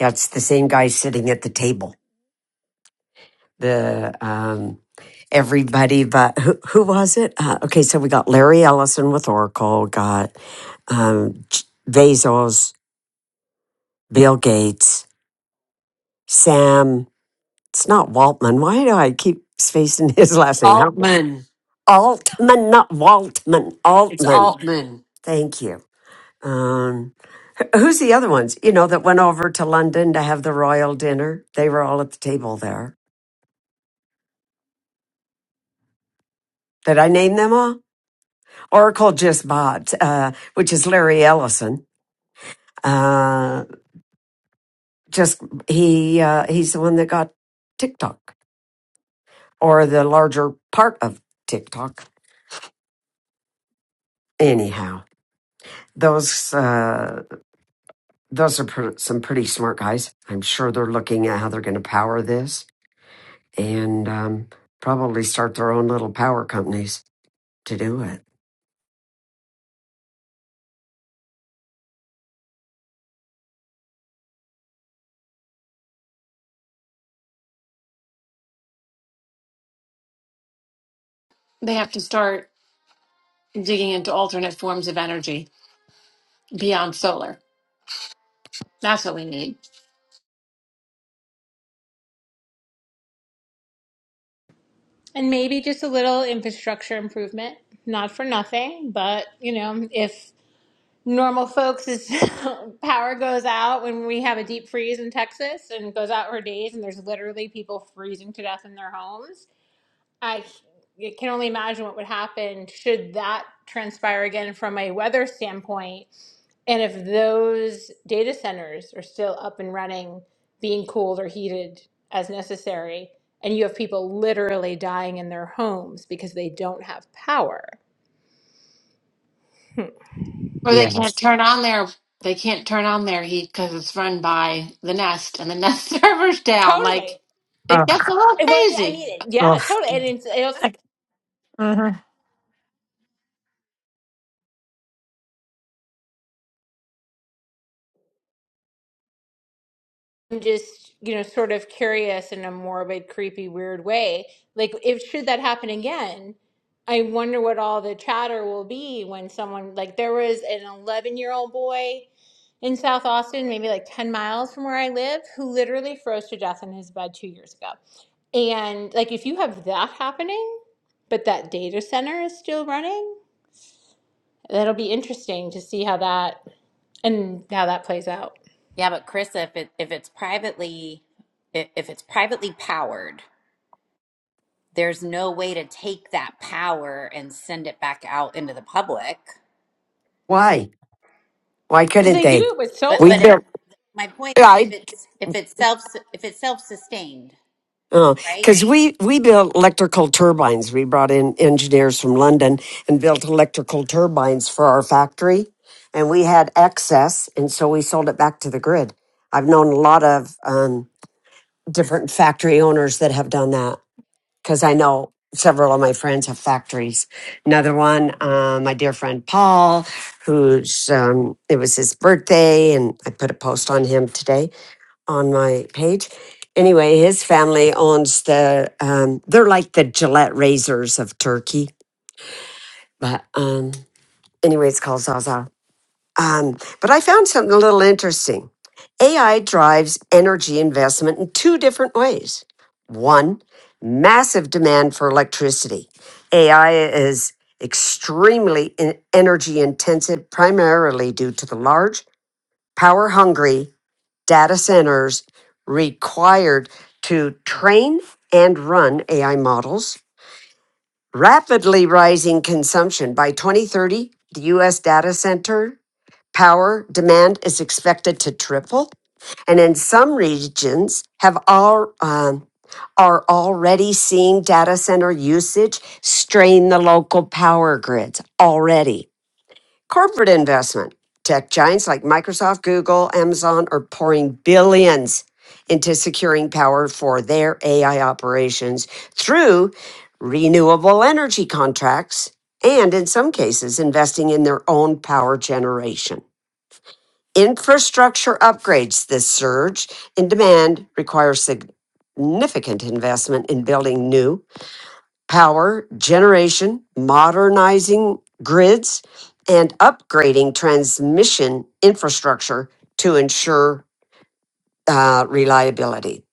Speaker 1: Yeah, it's the same guy sitting at the table. The um, everybody, but who, who was it? Uh, okay, so we got Larry Ellison with Oracle, got um, J- Bezos, Bill Gates, Sam. It's not Waltman. Why do I keep spacing [LAUGHS] his last name? How
Speaker 8: Altman.
Speaker 1: Altman, not Waltman.
Speaker 8: It's
Speaker 1: Altman.
Speaker 8: Altman.
Speaker 1: Thank you. Um, wh- who's the other ones? You know that went over to London to have the royal dinner. They were all at the table there. Did I name them all? Oracle just bought, uh, which is Larry Ellison. Uh, just he uh, he's the one that got TikTok or the larger part of TikTok. Anyhow, those uh, those are pr- some pretty smart guys. I'm sure they're looking at how they're going to power this and um, probably start their own little power companies. to do it.
Speaker 6: They have to start digging into alternate forms of energy beyond solar. That's what we need.
Speaker 9: And maybe just a little infrastructure improvement, not for nothing, but you know, if normal folks is [LAUGHS] power goes out when we have a deep freeze in Texas and it goes out for days and there's literally people freezing to death in their homes, I I can only imagine what would happen should that transpire again from a weather standpoint. And if those data centers are still up and running, being cooled or heated as necessary, and you have people literally dying in their homes because they don't have power.
Speaker 6: Or they can't
Speaker 1: Yes.
Speaker 6: turn on their they can't turn on their heat because it's run by the Nest and the Nest [LAUGHS] server's down. Like
Speaker 9: Totally.
Speaker 1: Uh,
Speaker 6: it gets a little
Speaker 9: Well, I
Speaker 6: crazy.
Speaker 9: mean, yeah,
Speaker 1: uh,
Speaker 9: totally. And it's, it also
Speaker 4: I, hmm
Speaker 9: I'm just, you know, sort of curious in a morbid, creepy, weird way. Like, if should that happen again, I wonder what all the chatter will be when someone, like, there was an 11 year old boy in South Austin, maybe like 10 miles from where I live, who literally froze to death in his bed two years ago. And, like, if you have that happening, but that data center is still running, that'll be interesting to see how that and how that plays out.
Speaker 3: Yeah, but Chris, if it if it's privately if, if it's privately powered, there's no way to take that power and send it back out into the public.
Speaker 1: why? Why
Speaker 9: Because
Speaker 1: couldn't
Speaker 9: they do
Speaker 1: they?
Speaker 9: it with
Speaker 3: But
Speaker 1: We
Speaker 3: but
Speaker 9: solar.
Speaker 3: if
Speaker 1: built.
Speaker 3: my point
Speaker 1: yeah,
Speaker 3: if
Speaker 1: I
Speaker 3: it's if it's self if it's self sustained, right?
Speaker 1: because we we built electrical turbines. We brought in engineers from London and built electrical turbines for our factory, and we had excess, and so we sold it back to the grid. I've known a lot of um, different factory owners that have done that. because I know several of my friends have factories. Another one, uh, my dear friend Paul, who's um, it was his birthday, and I put a post on him today on my page. Anyway, his family owns the. Um, they're like the Gillette razors of Turkey, but um, anyway, it's called Zaza um, but I found something a little interesting. AI drives energy investment in two different ways. One, massive demand for electricity. AI is extremely in- energy intensive, primarily due to the large, power hungry data centers required to train and run AI models. Rapidly rising consumption. By 2030, the US data center Power demand is expected to triple, and in some regions have all, um, are already seeing data center usage strain the local power grids already. Corporate investment. Tech giants like Microsoft, Google, Amazon are pouring billions into securing power for their AI operations through renewable energy contracts and, in some cases, investing in their own power generation. Infrastructure upgrades. This surge in demand requires significant investment in building new power generation, modernizing grids, and upgrading transmission infrastructure to ensure uh, reliability.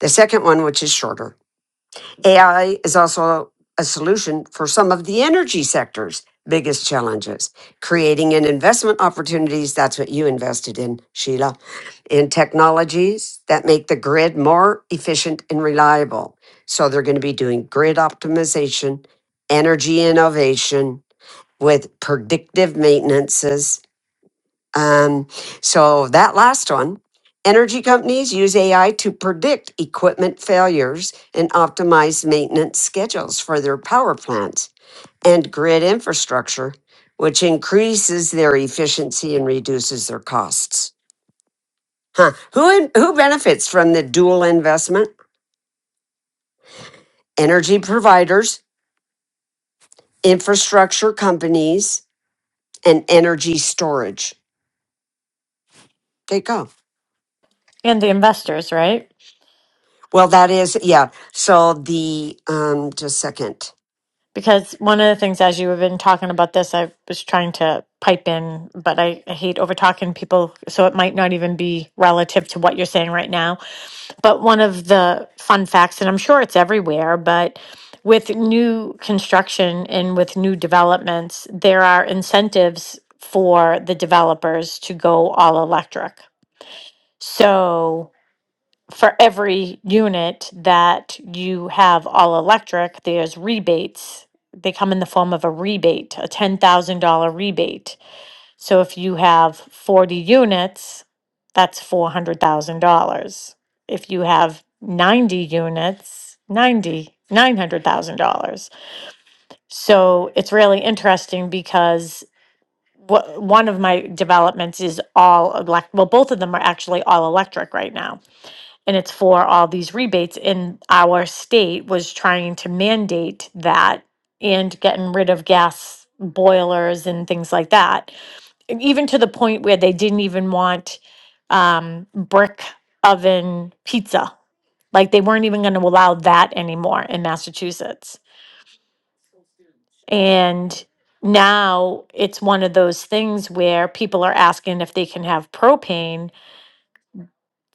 Speaker 1: The second one, which is shorter, AI is also a solution for some of the energy sector's biggest challenges, creating an investment opportunities. That's what you invested in, Sheila, in technologies that make the grid more efficient and reliable. So they're going to be doing grid optimization, energy innovation with predictive maintenances um, so that last one, energy companies use AI to predict equipment failures and optimize maintenance schedules for their power plants and grid infrastructure, which increases their efficiency and reduces their costs. Huh. Who who benefits from the dual investment? Energy providers, infrastructure companies, and energy storage. There you go.
Speaker 4: And the investors, right?
Speaker 1: Well, that is yeah. So the um, just a second.
Speaker 4: Because one of the things, as you have been talking about this, I was trying to pipe in, but I, I hate over talking people. So it might not even be relative to what you're saying right now. But one of the fun facts, and I'm sure it's everywhere, but with new construction and with new developments, there are incentives for the developers to go all electric. So for every unit that you have all electric, there's rebates. They come in the form of a rebate, a $10,000 rebate. So if you have 40 units, that's $400,000. If you have 90 units, ninety nine hundred thousand dollars So it's really interesting because wha- one of my developments is all elect, well, both of them are actually all electric right now and it's for all these rebates and our state was trying to mandate that and getting rid of gas boilers and things like that and even to the point where they didn't even want um, brick oven pizza like they weren't even going to allow that anymore in massachusetts and now it's one of those things where people are asking if they can have propane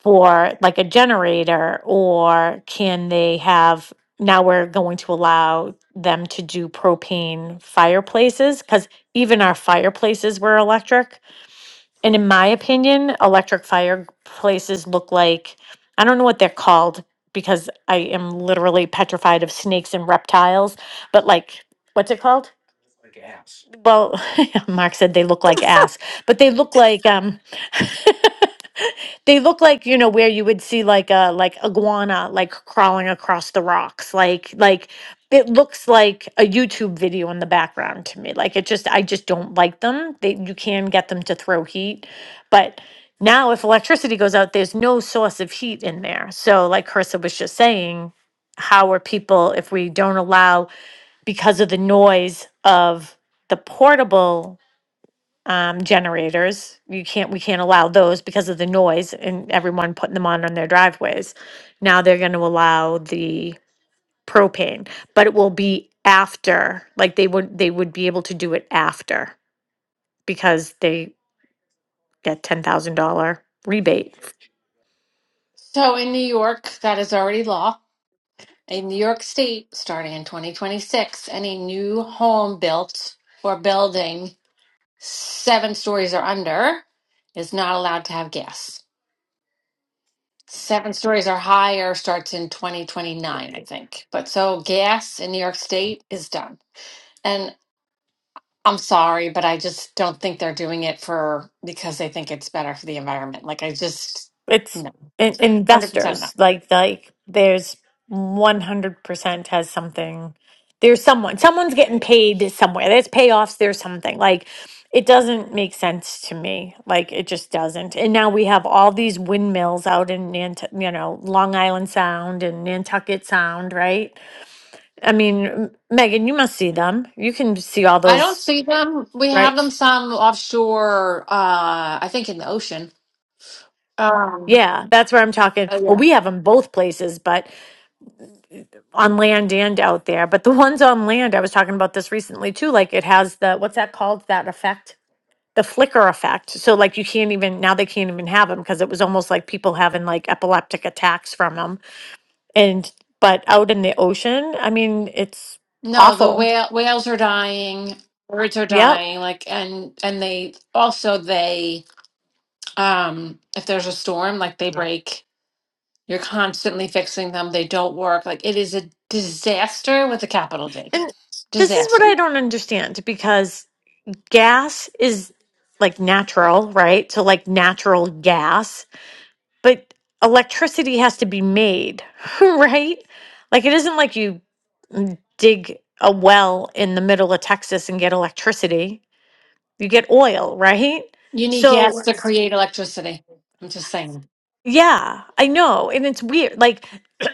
Speaker 4: for like a generator or can they have now we're going to allow them to do propane fireplaces because even our fireplaces were electric and in my opinion electric fireplaces look like i don't know what they're called because i am literally petrified of snakes and reptiles but like what's it called Well, [LAUGHS] Mark said they look like ass, but they look like um [LAUGHS] they look like, you know, where you would see like a like iguana like crawling across the rocks. Like like it looks like a YouTube video in the background to me. Like it just I just don't like them. They you can get them to throw heat, but now if electricity goes out, there's no source of heat in there. So like Carissa was just saying, how are people if we don't allow because of the noise of the portable um, generators, you can't, we can't allow those because of the noise and everyone putting them on on their driveways. Now they're going to allow the propane, but it will be after, like they would, they would be able to do it after because they get $10,000 rebate.
Speaker 6: So in New York, that is already law. In New York State, starting in 2026, any new home built or building seven stories or under is not allowed to have gas. Seven stories or higher starts in 2029, I think. But so gas in New York State is done. And I'm sorry, but I just don't think they're doing it for because they think it's better for the environment. Like, I just,
Speaker 4: it's
Speaker 6: no,
Speaker 4: in-
Speaker 6: 100% no.
Speaker 4: investors like like there's 100% has something there's someone someone's getting paid somewhere there's payoffs there's something like it doesn't make sense to me like it just doesn't and now we have all these windmills out in Nant- you know long island sound and nantucket sound right i mean M- megan you must see them you can see all
Speaker 6: I don't
Speaker 4: those
Speaker 6: see them. We have
Speaker 4: right
Speaker 6: them some offshore, uh, I think in the ocean. Um,
Speaker 4: yeah that's where i'm talking
Speaker 6: oh,
Speaker 4: well
Speaker 6: yeah.
Speaker 4: we have them both places but on land and out there. But the ones on land, I was talking about this recently too. Like it has the what's that called? That effect, the flicker effect. So like you can't even now they can't even have them because it was almost like people having like epileptic attacks from them. And but out in the ocean, I mean, it's
Speaker 6: No, the
Speaker 4: awful.
Speaker 6: whale, whales are dying, birds are
Speaker 4: Yep.
Speaker 6: dying, like, and, and they also, they, um if there's a storm like they Yeah. break You're constantly fixing them. They don't work. Like it is a disaster with a capital D.
Speaker 4: And this is what
Speaker 6: Disaster.
Speaker 4: I don't understand because gas is like natural, right? So like natural gas but electricity has to be made, [LAUGHS] right? Like it isn't like you mm, dig a well in the middle of Texas and get electricity. You get oil, right?
Speaker 6: You need
Speaker 4: So
Speaker 6: gas to
Speaker 4: Yes.
Speaker 6: create electricity. I'm just saying.
Speaker 4: yeah, I know. And it's weird. Like [COUGHS]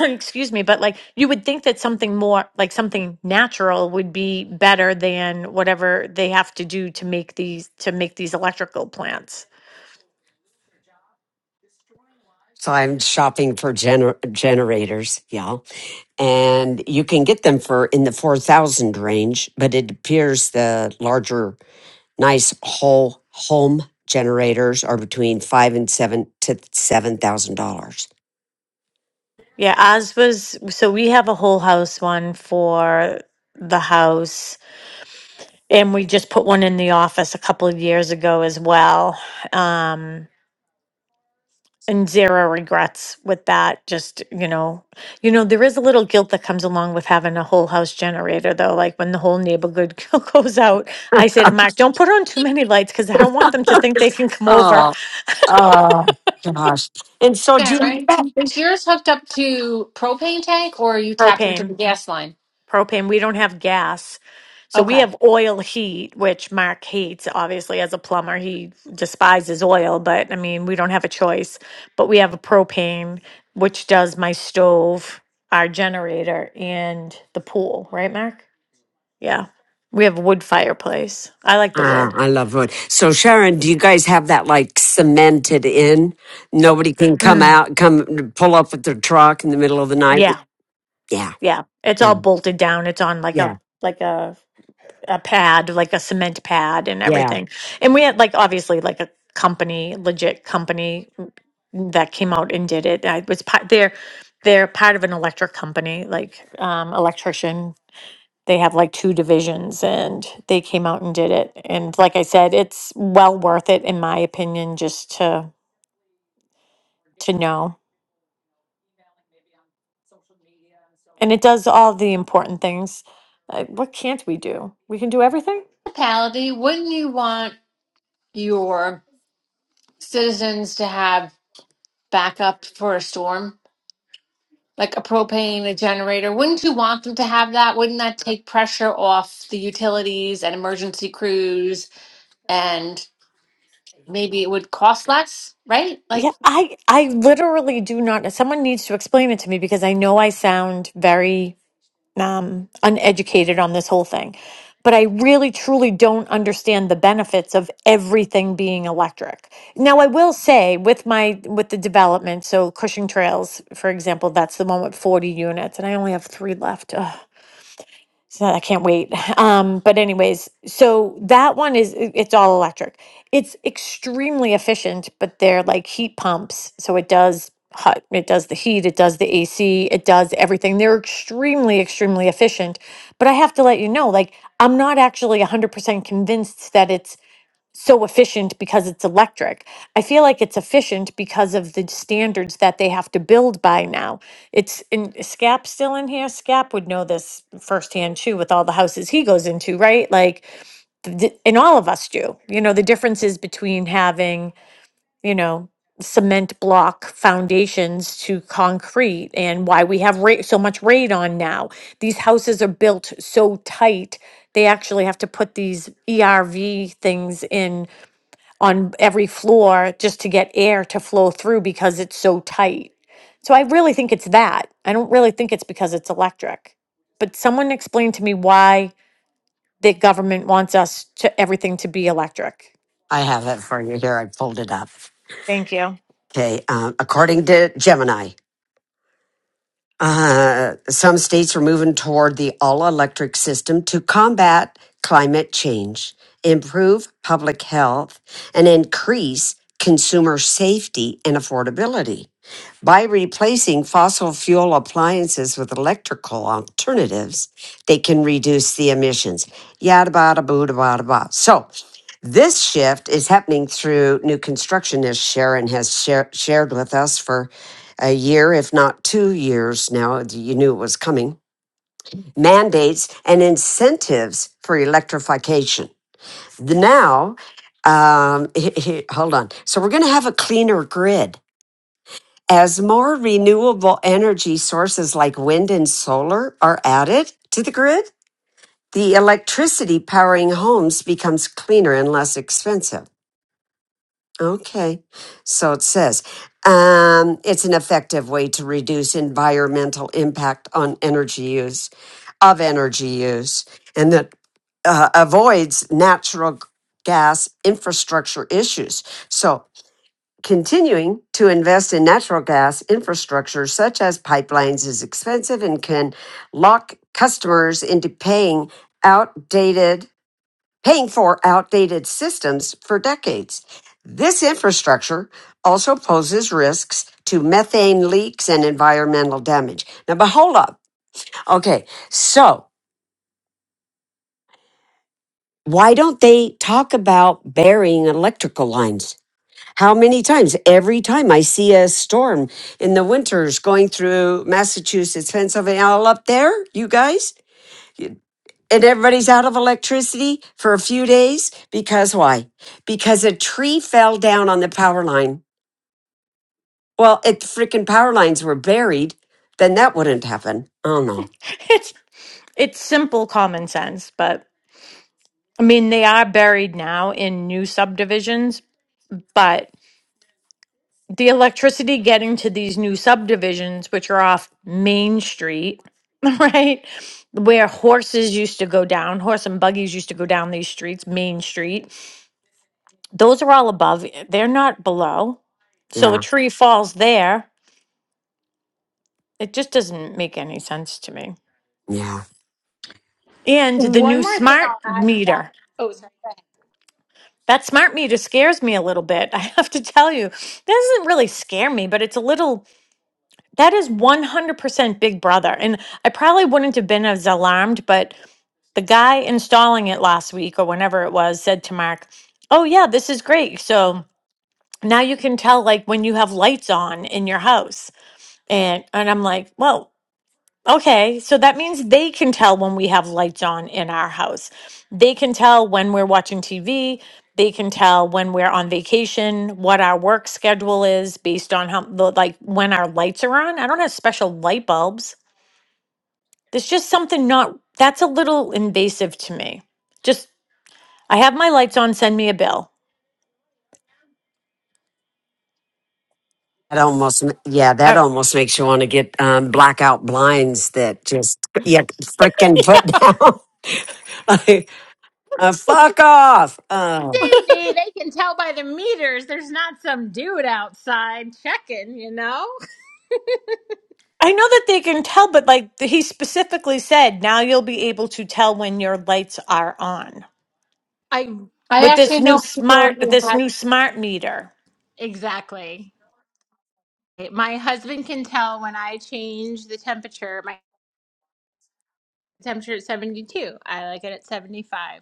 Speaker 4: excuse me, but like you would think that something more like something natural would be better than whatever they have to do to make these to make these electrical plants.
Speaker 1: So I'm shopping for gener- generators, y'all, and you can get them for in the four thousand range. But it appears the larger, nice whole home generators are between five and seven to seven thousand dollars.
Speaker 4: Yeah, ours was so we have a whole house one for the house, and we just put one in the office a couple of years ago as well. Um, and zero regrets with that. Just, you know, you know, there is a little guilt that comes along with having a whole house generator though. Like when the whole neighborhood [LAUGHS] goes out, I say to Mark, don't put on too many lights because I don't want them to think they can come over
Speaker 1: Oh, oh gosh! And so do you.
Speaker 6: Sharon, is yours hooked up to propane tank or are you
Speaker 4: [LAUGHS]
Speaker 6: tapped into
Speaker 4: propane.
Speaker 6: the gas line?
Speaker 4: propane. We don't have gas. So we
Speaker 6: Okay.
Speaker 4: have oil heat, which Mark hates, obviously, as a plumber. He despises oil, but I mean, we don't have a choice. But we have a propane, which does my stove, our generator, and the pool, right, Mark? Yeah. We have a wood fireplace. I like the
Speaker 1: Ah,
Speaker 4: wood.
Speaker 1: I love wood. So Sharon, do you guys have that like cemented in? Nobody can come
Speaker 4: Mm,
Speaker 1: out, come pull up with their truck in the middle of the night.
Speaker 4: yeah.
Speaker 1: Yeah,
Speaker 4: Yeah. It's
Speaker 1: yeah,
Speaker 4: all bolted down. It's on like
Speaker 1: yeah,
Speaker 4: a, like a a pad, like a cement pad and
Speaker 1: yeah.
Speaker 4: everything. And we had like obviously like a company, legit company that came out and did it. I was part they're they're part of an electric company, like um electrician. They have like two divisions and they came out and did it. And like I said, it's well worth it in my opinion just to to know. And it does all the important things. Uh, what can't we do? We can do everything.
Speaker 6: Municipality, wouldn't you want your citizens to have backup for a storm? Like a propane, a generator. Wouldn't you want them to have that? Wouldn't that take pressure off the utilities and emergency crews? and maybe it would cost less, right? Like
Speaker 4: Yeah, I I literally do not. Someone needs to explain it to me because I know I sound very um, uneducated on this whole thing, but I really truly don't understand the benefits of everything being electric. Now, I will say with my with the development, so Cushing Trails, for example, that's the one with forty units, and I only have three left. Ugh. So I can't wait. [LAUGHS] Um, but anyways, so that one is i- it's all electric. It's extremely efficient, but they're like heat pumps, so it does hot, it does the heat, it does the AC, it does everything. They're extremely, extremely efficient. But I have to let you know, like I'm not actually 100% convinced that it's so efficient because it's electric. I feel like it's efficient because of the standards that they have to build by now. It's in is Scap still in here. Scap would know this firsthand too with all the houses he goes into, right? Like th- th- and all of us do. You know, the differences between having, you know, cement block foundations to concrete and why we have ra- so much radon now. These houses are built so tight they actually have to put these ERV things in on every floor just to get air to flow through because it's so tight. So I really think it's that. I don't really think it's because it's electric. But someone explain to me why the government wants us to everything to be electric.
Speaker 1: I have it for you here. I pulled it up.
Speaker 4: Thank you.
Speaker 1: Okay. Um, according to Gemini, uh, some states are moving toward the all electric system to combat climate change, improve public health, and increase consumer safety and affordability. By replacing fossil fuel appliances with electrical alternatives, they can reduce the emissions. Yada bada boo da bada ba. So, This shift is happening through new construction, as Sharon has share, shared with us for a year, if not two years now. You knew it was coming. Mandates and incentives for electrification. The- Now, um, [LAUGHS] hold on. So, we're going to have a cleaner grid. As more renewable energy sources like wind and solar are added to the grid, the electricity powering homes becomes cleaner and less expensive. Okay. So it says um, it's an effective way to reduce environmental impact on energy use, of energy use, and that uh, avoids natural gas infrastructure issues. So continuing to invest in natural gas infrastructure such as pipelines is expensive and can lock customers into paying outdated paying for outdated systems for decades. This infrastructure also poses risks to methane leaks and environmental damage. Now, but hold up. Okay, so why don't they talk about burying electrical lines? How many times? Every time I see a storm in the winters going through Massachusetts, Pennsylvania, all up there, you guys? and everybody's out of electricity for a few days because why? Because a tree fell down on the power line. Well, if the freaking power lines were buried, then that wouldn't happen. Oh no.
Speaker 4: [LAUGHS] It's it's simple common sense, but I mean they are buried now in new subdivisions, but the electricity getting to these new subdivisions, which are off Main Street, [LAUGHS] right? Where horses used to go down, horse and buggies used to go down these streets, Main Street. Those are all above, they're not below. So a
Speaker 1: Yeah.
Speaker 4: tree falls there. It just doesn't make any sense to me.
Speaker 1: Yeah.
Speaker 4: And the
Speaker 9: One
Speaker 4: new
Speaker 9: more thing
Speaker 4: smart
Speaker 9: I'll add to that.
Speaker 4: meter.
Speaker 9: Oh, sorry. Go
Speaker 4: That smart meter scares me a little bit. [LAUGHS] I have to tell you, it doesn't really scare me, but it's a little That is 100% Big Brother. And I probably wouldn't have been as alarmed, but the guy installing it last week or whenever it was said to Mark, Oh, yeah, this is great. So now you can tell, like, when you have lights on in your house. And, and I'm like, Well, Okay, so that means they can tell when we have lights on in our house. They can tell when we're watching TV. They can tell when we're on vacation, what our work schedule is based on how, the- like, when our lights are on. I don't have special light bulbs. There's just something not, that's a little invasive to me. Just, I have my lights on, send me a bill.
Speaker 1: That almost, yeah, that
Speaker 4: I,
Speaker 1: almost makes you want to get um, blackout blinds that just you freaking put down. [LAUGHS] like, uh, fuck off. Oh,
Speaker 9: ahead. Sydney, they can tell by the meters there's not some dude outside checking, you know?
Speaker 4: I know that they can tell, but like he specifically said, now you'll be able to tell when your lights are on.
Speaker 9: I
Speaker 6: I
Speaker 4: with this
Speaker 6: actually
Speaker 4: new
Speaker 6: know people who
Speaker 4: smart
Speaker 6: had
Speaker 4: this new smart meter
Speaker 9: exactly. My husband can tell when I change the temperature. temperature at 72. I like it at 75.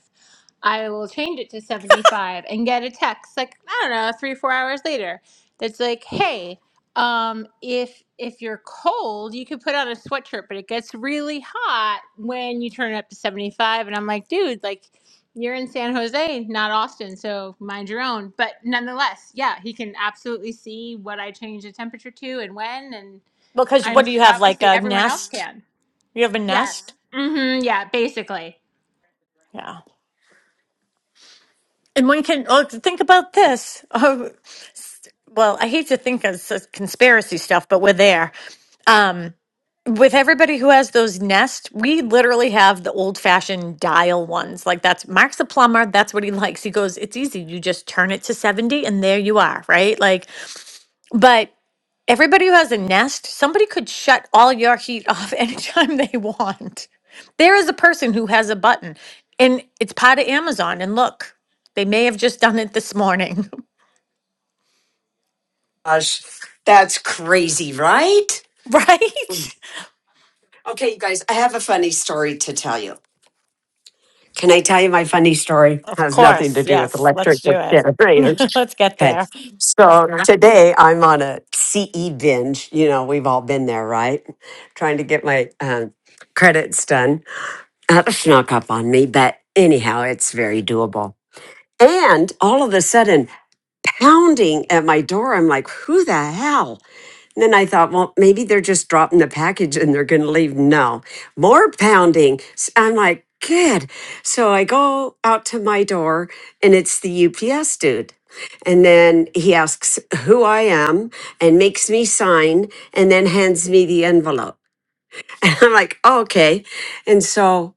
Speaker 9: I will change it to 75 and get a text like I don't know, 3 4 hours later that's like, "Hey, um if if you're cold, you could put on a sweatshirt, but it gets really hot when you turn it up to 75." And I'm like, "Dude, like you're in San Jose, not Austin, so mind your own." But nonetheless, yeah, he can absolutely see what I change the temperature to and when and
Speaker 4: because
Speaker 9: I'm
Speaker 4: what do you
Speaker 9: sure
Speaker 4: have like
Speaker 9: obviously
Speaker 4: a
Speaker 9: everyone else
Speaker 4: nest
Speaker 9: can.
Speaker 4: you have a
Speaker 9: Yes.
Speaker 4: nest
Speaker 9: Mm-hmm. Yeah, basically.
Speaker 4: yeah and one can oh think about this [LAUGHS] oh well i hate to think of s- conspiracy stuff but we're there um with everybody who has those nest we literally have the old fashioned dial ones like that's mark's a plumber that's what he likes he goes it's easy you just turn it to 70 and there you are right like But everybody who has a Nest, somebody could shut all your heat off [LAUGHS] anytime they want. There is a person who has a button, and it's part of Amazon. And look, they may have just done it this morning,
Speaker 1: gosh. That's crazy, right?
Speaker 4: [LAUGHS] right?
Speaker 1: Okay, you guys, I have a funny story to tell you. Can I tell you my funny story?
Speaker 4: Of
Speaker 1: Has nothing
Speaker 4: course,
Speaker 1: to do with
Speaker 4: yes.
Speaker 1: electric
Speaker 4: Let's do
Speaker 1: or
Speaker 4: it.
Speaker 1: generators.
Speaker 4: [LAUGHS] Let's get
Speaker 1: Okay.
Speaker 4: there.
Speaker 1: So today I'm on a CE binge. You know, we've all been there, right? Trying to get my um, credits done. That snuck up on me, but anyhow, it's very doable. And all of a sudden, pounding at my door, I'm like, who the hell? Then I thought, well, maybe they're just dropping the package and they're going to leave. No, more pounding. S- I'm like, good. So I go out to my door and it's the UPS dude. And then he asks who I am and makes me sign and then hands me the envelope. [LAUGHS] And I'm like, oh, okay. And so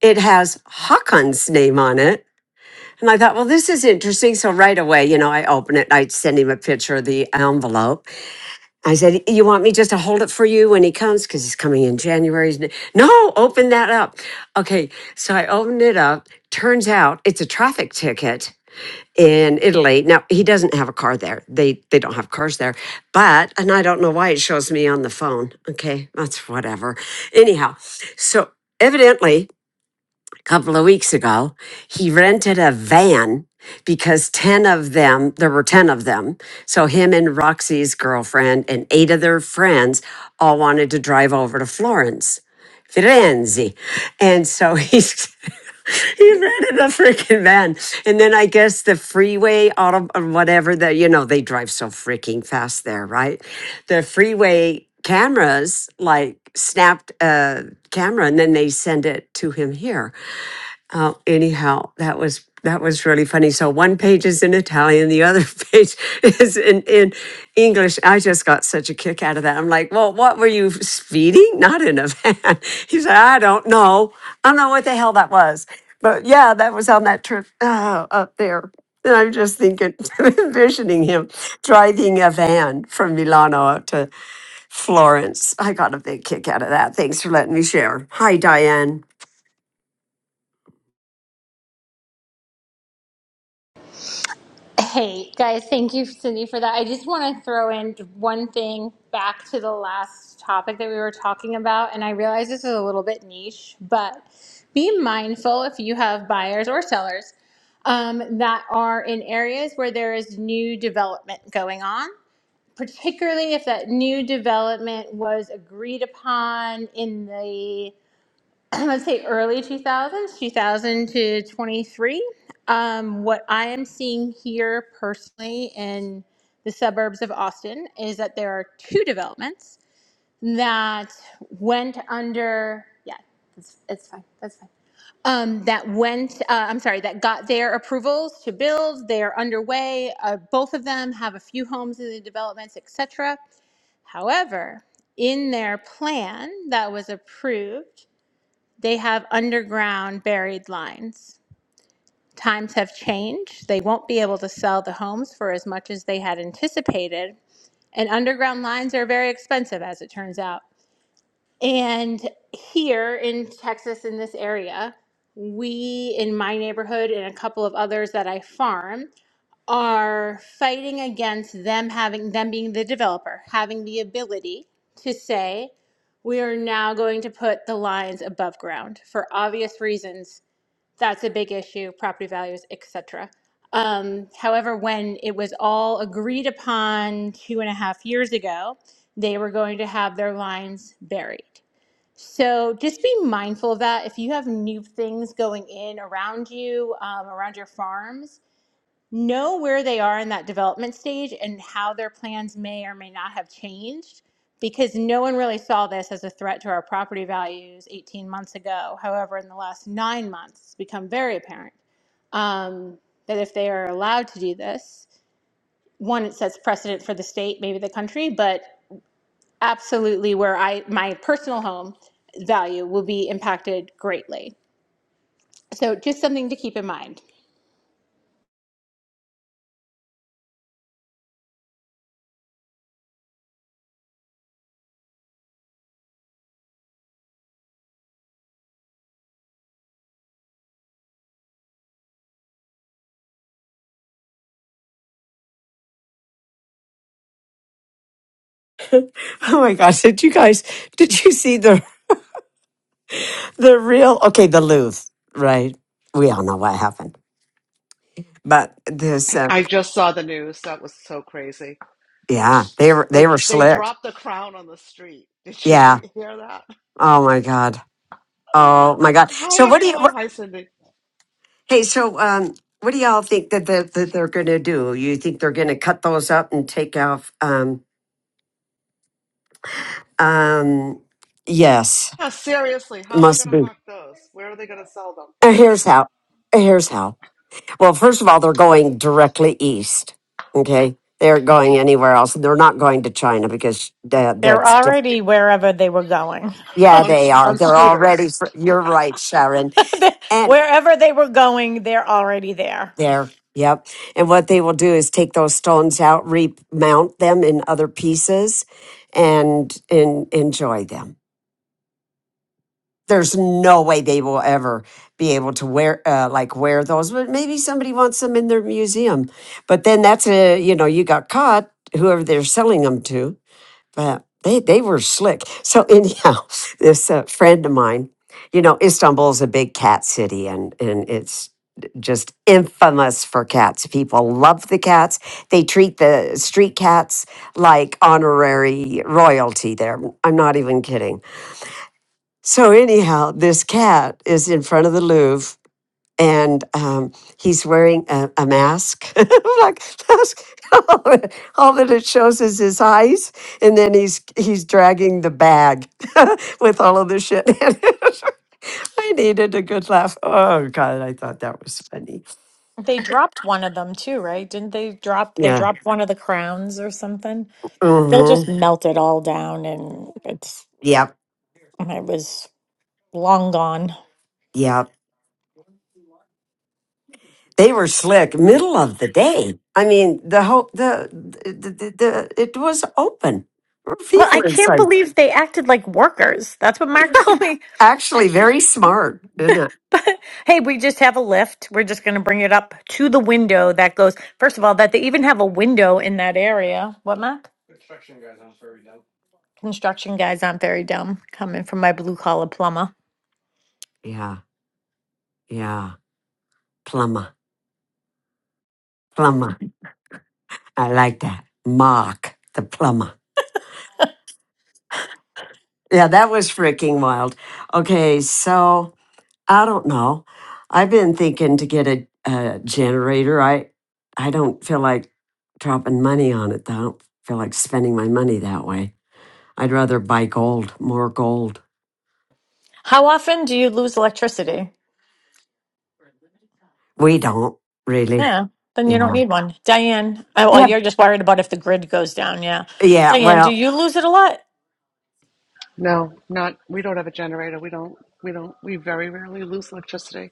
Speaker 1: it has Hakan's name on it. And I thought, well, this is interesting. So right away, you know, I open it, I send him a picture of the envelope. I said, "You want me just to hold it for you when he comes because he's coming in January?" He's n- No, open that up. Okay, so I opened it up. Turns out it's a traffic ticket in Italy. Now he doesn't have a car there. They they don't have cars there. But and I don't know why it shows me on the phone. Okay, that's whatever. Anyhow, so evidently couple of weeks ago. He rented a van because 10 of them, there were 10 of them. So him and Roxy's girlfriend and eight of their friends all wanted to drive over to Florence. Firenze. And so he's [LAUGHS] he rented a freaking van. And then I guess the freeway auto or whatever that you know, they drive so freaking fast there, right? The freeway cameras like snapped a camera and then they send it to him here uh, anyhow, that was that was really funny. So one page is in Italian, the other [LAUGHS] page is in, in English. I just got such a kick out of that. I'm like, well, what were you speeding? [LAUGHS] Not in a van. [LAUGHS] He said, I don't know. I don't know what the hell that was. But yeah, that was on that trip uh, up there. And I'm just thinking, [LAUGHS] envisioning him driving a van from Milano up to Florence. I got a big kick out of that. Thanks for letting me share. Hi, Diane.
Speaker 9: Hey, guys, thank you, Cindy, for that. I just want to throw in one thing back to the last topic that we were talking about. And I realize this is a little bit niche, but be mindful if you have buyers or sellers um, that are in areas where there is new development going on, particularly if that new development was agreed upon in the I would say early 2000s, 2000 to 23. Um, what I am seeing here personally in the suburbs of Austin is that there are two developments that went under, yeah, that's, it's fine, that's fine. Um, that went, uh, I'm sorry, that got their approvals to build. They are underway. Uh, both of them have a few homes in the developments, etc. However, in their plan that was approved they have underground buried lines. Times have changed. They won't be able to sell the homes for as much as they had anticipated. And underground lines are very expensive, as it turns out. And here in Texas, in this area, we in my neighborhood and a couple of others that I farm are fighting against them having them being the developer, having the ability to say, we are now going to put the lines above ground for obvious reasons that's a big issue, property values, etc. Um, however, when it was all agreed upon two and a half years ago, they were going to have their lines buried. So just be mindful of that. If you have new things going in around you, um, around your farms, know where they are in that development stage and how their plans may or may not have changed because no one really saw this as a threat to our property values 18 months ago. However, in the last nine months, it's become very apparent um, that if they are allowed to do this, one, it sets precedent for the state, maybe the country, but absolutely where I, my personal home value will be impacted greatly. So just something to keep in mind.
Speaker 1: [LAUGHS] Oh my gosh, did you guys did you see the the real okay, the Louvre, right? We all know what happened. But this uh,
Speaker 10: I just saw the news. That was so crazy.
Speaker 1: yeah, they were they
Speaker 10: They
Speaker 1: were
Speaker 10: they
Speaker 1: slick.
Speaker 10: dropped the crown on the street. [LAUGHS] Did you
Speaker 1: Yeah.
Speaker 10: re- hear that? [GASPS]
Speaker 1: Oh my god. Oh my
Speaker 10: [LAUGHS]
Speaker 1: god.
Speaker 10: Hi
Speaker 1: So what do you
Speaker 10: everyone.
Speaker 1: what,
Speaker 10: Hi Cindy.
Speaker 1: Hey, so um what do y'all think that, that, that they're going to do? You think they're going to cut those up and take off um um yes,
Speaker 10: Yeah, seriously, how are they going
Speaker 1: must
Speaker 10: to
Speaker 1: be.
Speaker 10: hawk those? Where are they going to sell them?
Speaker 1: Uh, Here's how. Uh, Here's how. Well, first of all, they're going directly east. Okay. They're going anywhere else. They're not going to China because that,
Speaker 4: They're
Speaker 1: that's, diff-
Speaker 4: already wherever they were going. [LAUGHS]
Speaker 1: yeah,
Speaker 10: On
Speaker 1: they
Speaker 10: sc-
Speaker 1: are.
Speaker 10: on
Speaker 1: They're already,
Speaker 10: scooters?
Speaker 1: fr- you're right, Sharon.
Speaker 4: They-
Speaker 1: And
Speaker 4: wherever they were going, they're already there.
Speaker 1: there. Yep. And what they will do is take those stones out, remount them in other pieces and, and enjoy them. there's no way they will ever be able to wear uh, like wear those but maybe somebody wants them in their museum but then that's a you know you got caught whoever they're selling them to but they they were slick so anyhow [LAUGHS] this uh, friend of mine you know istanbul is a big cat city and and it's just infamous for cats people love the cats they treat the street cats like honorary royalty there i'm not even kidding so anyhow, this cat is in front of the Louvre, and um, he's wearing a, a mask. [LAUGHS] I'm like that's, [LAUGHS] all, that, all that it shows is his eyes, and then he's he's dragging the bag [LAUGHS] with all of the shit. in it. [LAUGHS] I needed a good laugh. Oh God, I thought that was funny.
Speaker 4: They dropped one of them too, right? Didn't they drop? They
Speaker 1: Yeah.
Speaker 4: dropped one of the crowns or something. They just
Speaker 1: Mm-hmm.
Speaker 4: melted all down, and it's
Speaker 1: Yep.
Speaker 4: and it was long gone.
Speaker 1: Yep. They were slick. Middle of the day. I mean, the whole the the, the, the it was open. There were
Speaker 4: Well, I
Speaker 1: people
Speaker 4: can't
Speaker 1: inside.
Speaker 4: believe they acted like workers. That's what Mark [LAUGHS] told me.
Speaker 1: Actually, very smart, isn't it?
Speaker 4: But hey, we just have a lift. We're just going to bring it up to the window that goes. First of all, that they even have a window in that area. What, Mac? Construction guys aren't very dumb. Coming from my blue collar plumber.
Speaker 1: Yeah, yeah. Plumber, plumber. I like that. Mark, the plumber. Yeah, that was freaking wild. Okay, so I don't know. I've been thinking to get a, a generator. I I don't feel like dropping money on it. Though. I don't feel like spending my money that way. I'd rather buy gold, more gold.
Speaker 4: How often do you lose electricity?
Speaker 1: We don't really.
Speaker 4: Yeah, then you don't
Speaker 1: Yeah.
Speaker 4: need one. Diane, oh, well,
Speaker 1: Yeah.
Speaker 4: you're just worried about if the grid goes down. Yeah.
Speaker 1: Yeah.
Speaker 4: Diane, do
Speaker 1: Well.
Speaker 4: you lose it a lot?
Speaker 10: No, not. We don't have a generator. We don't. We don't. We very rarely lose electricity.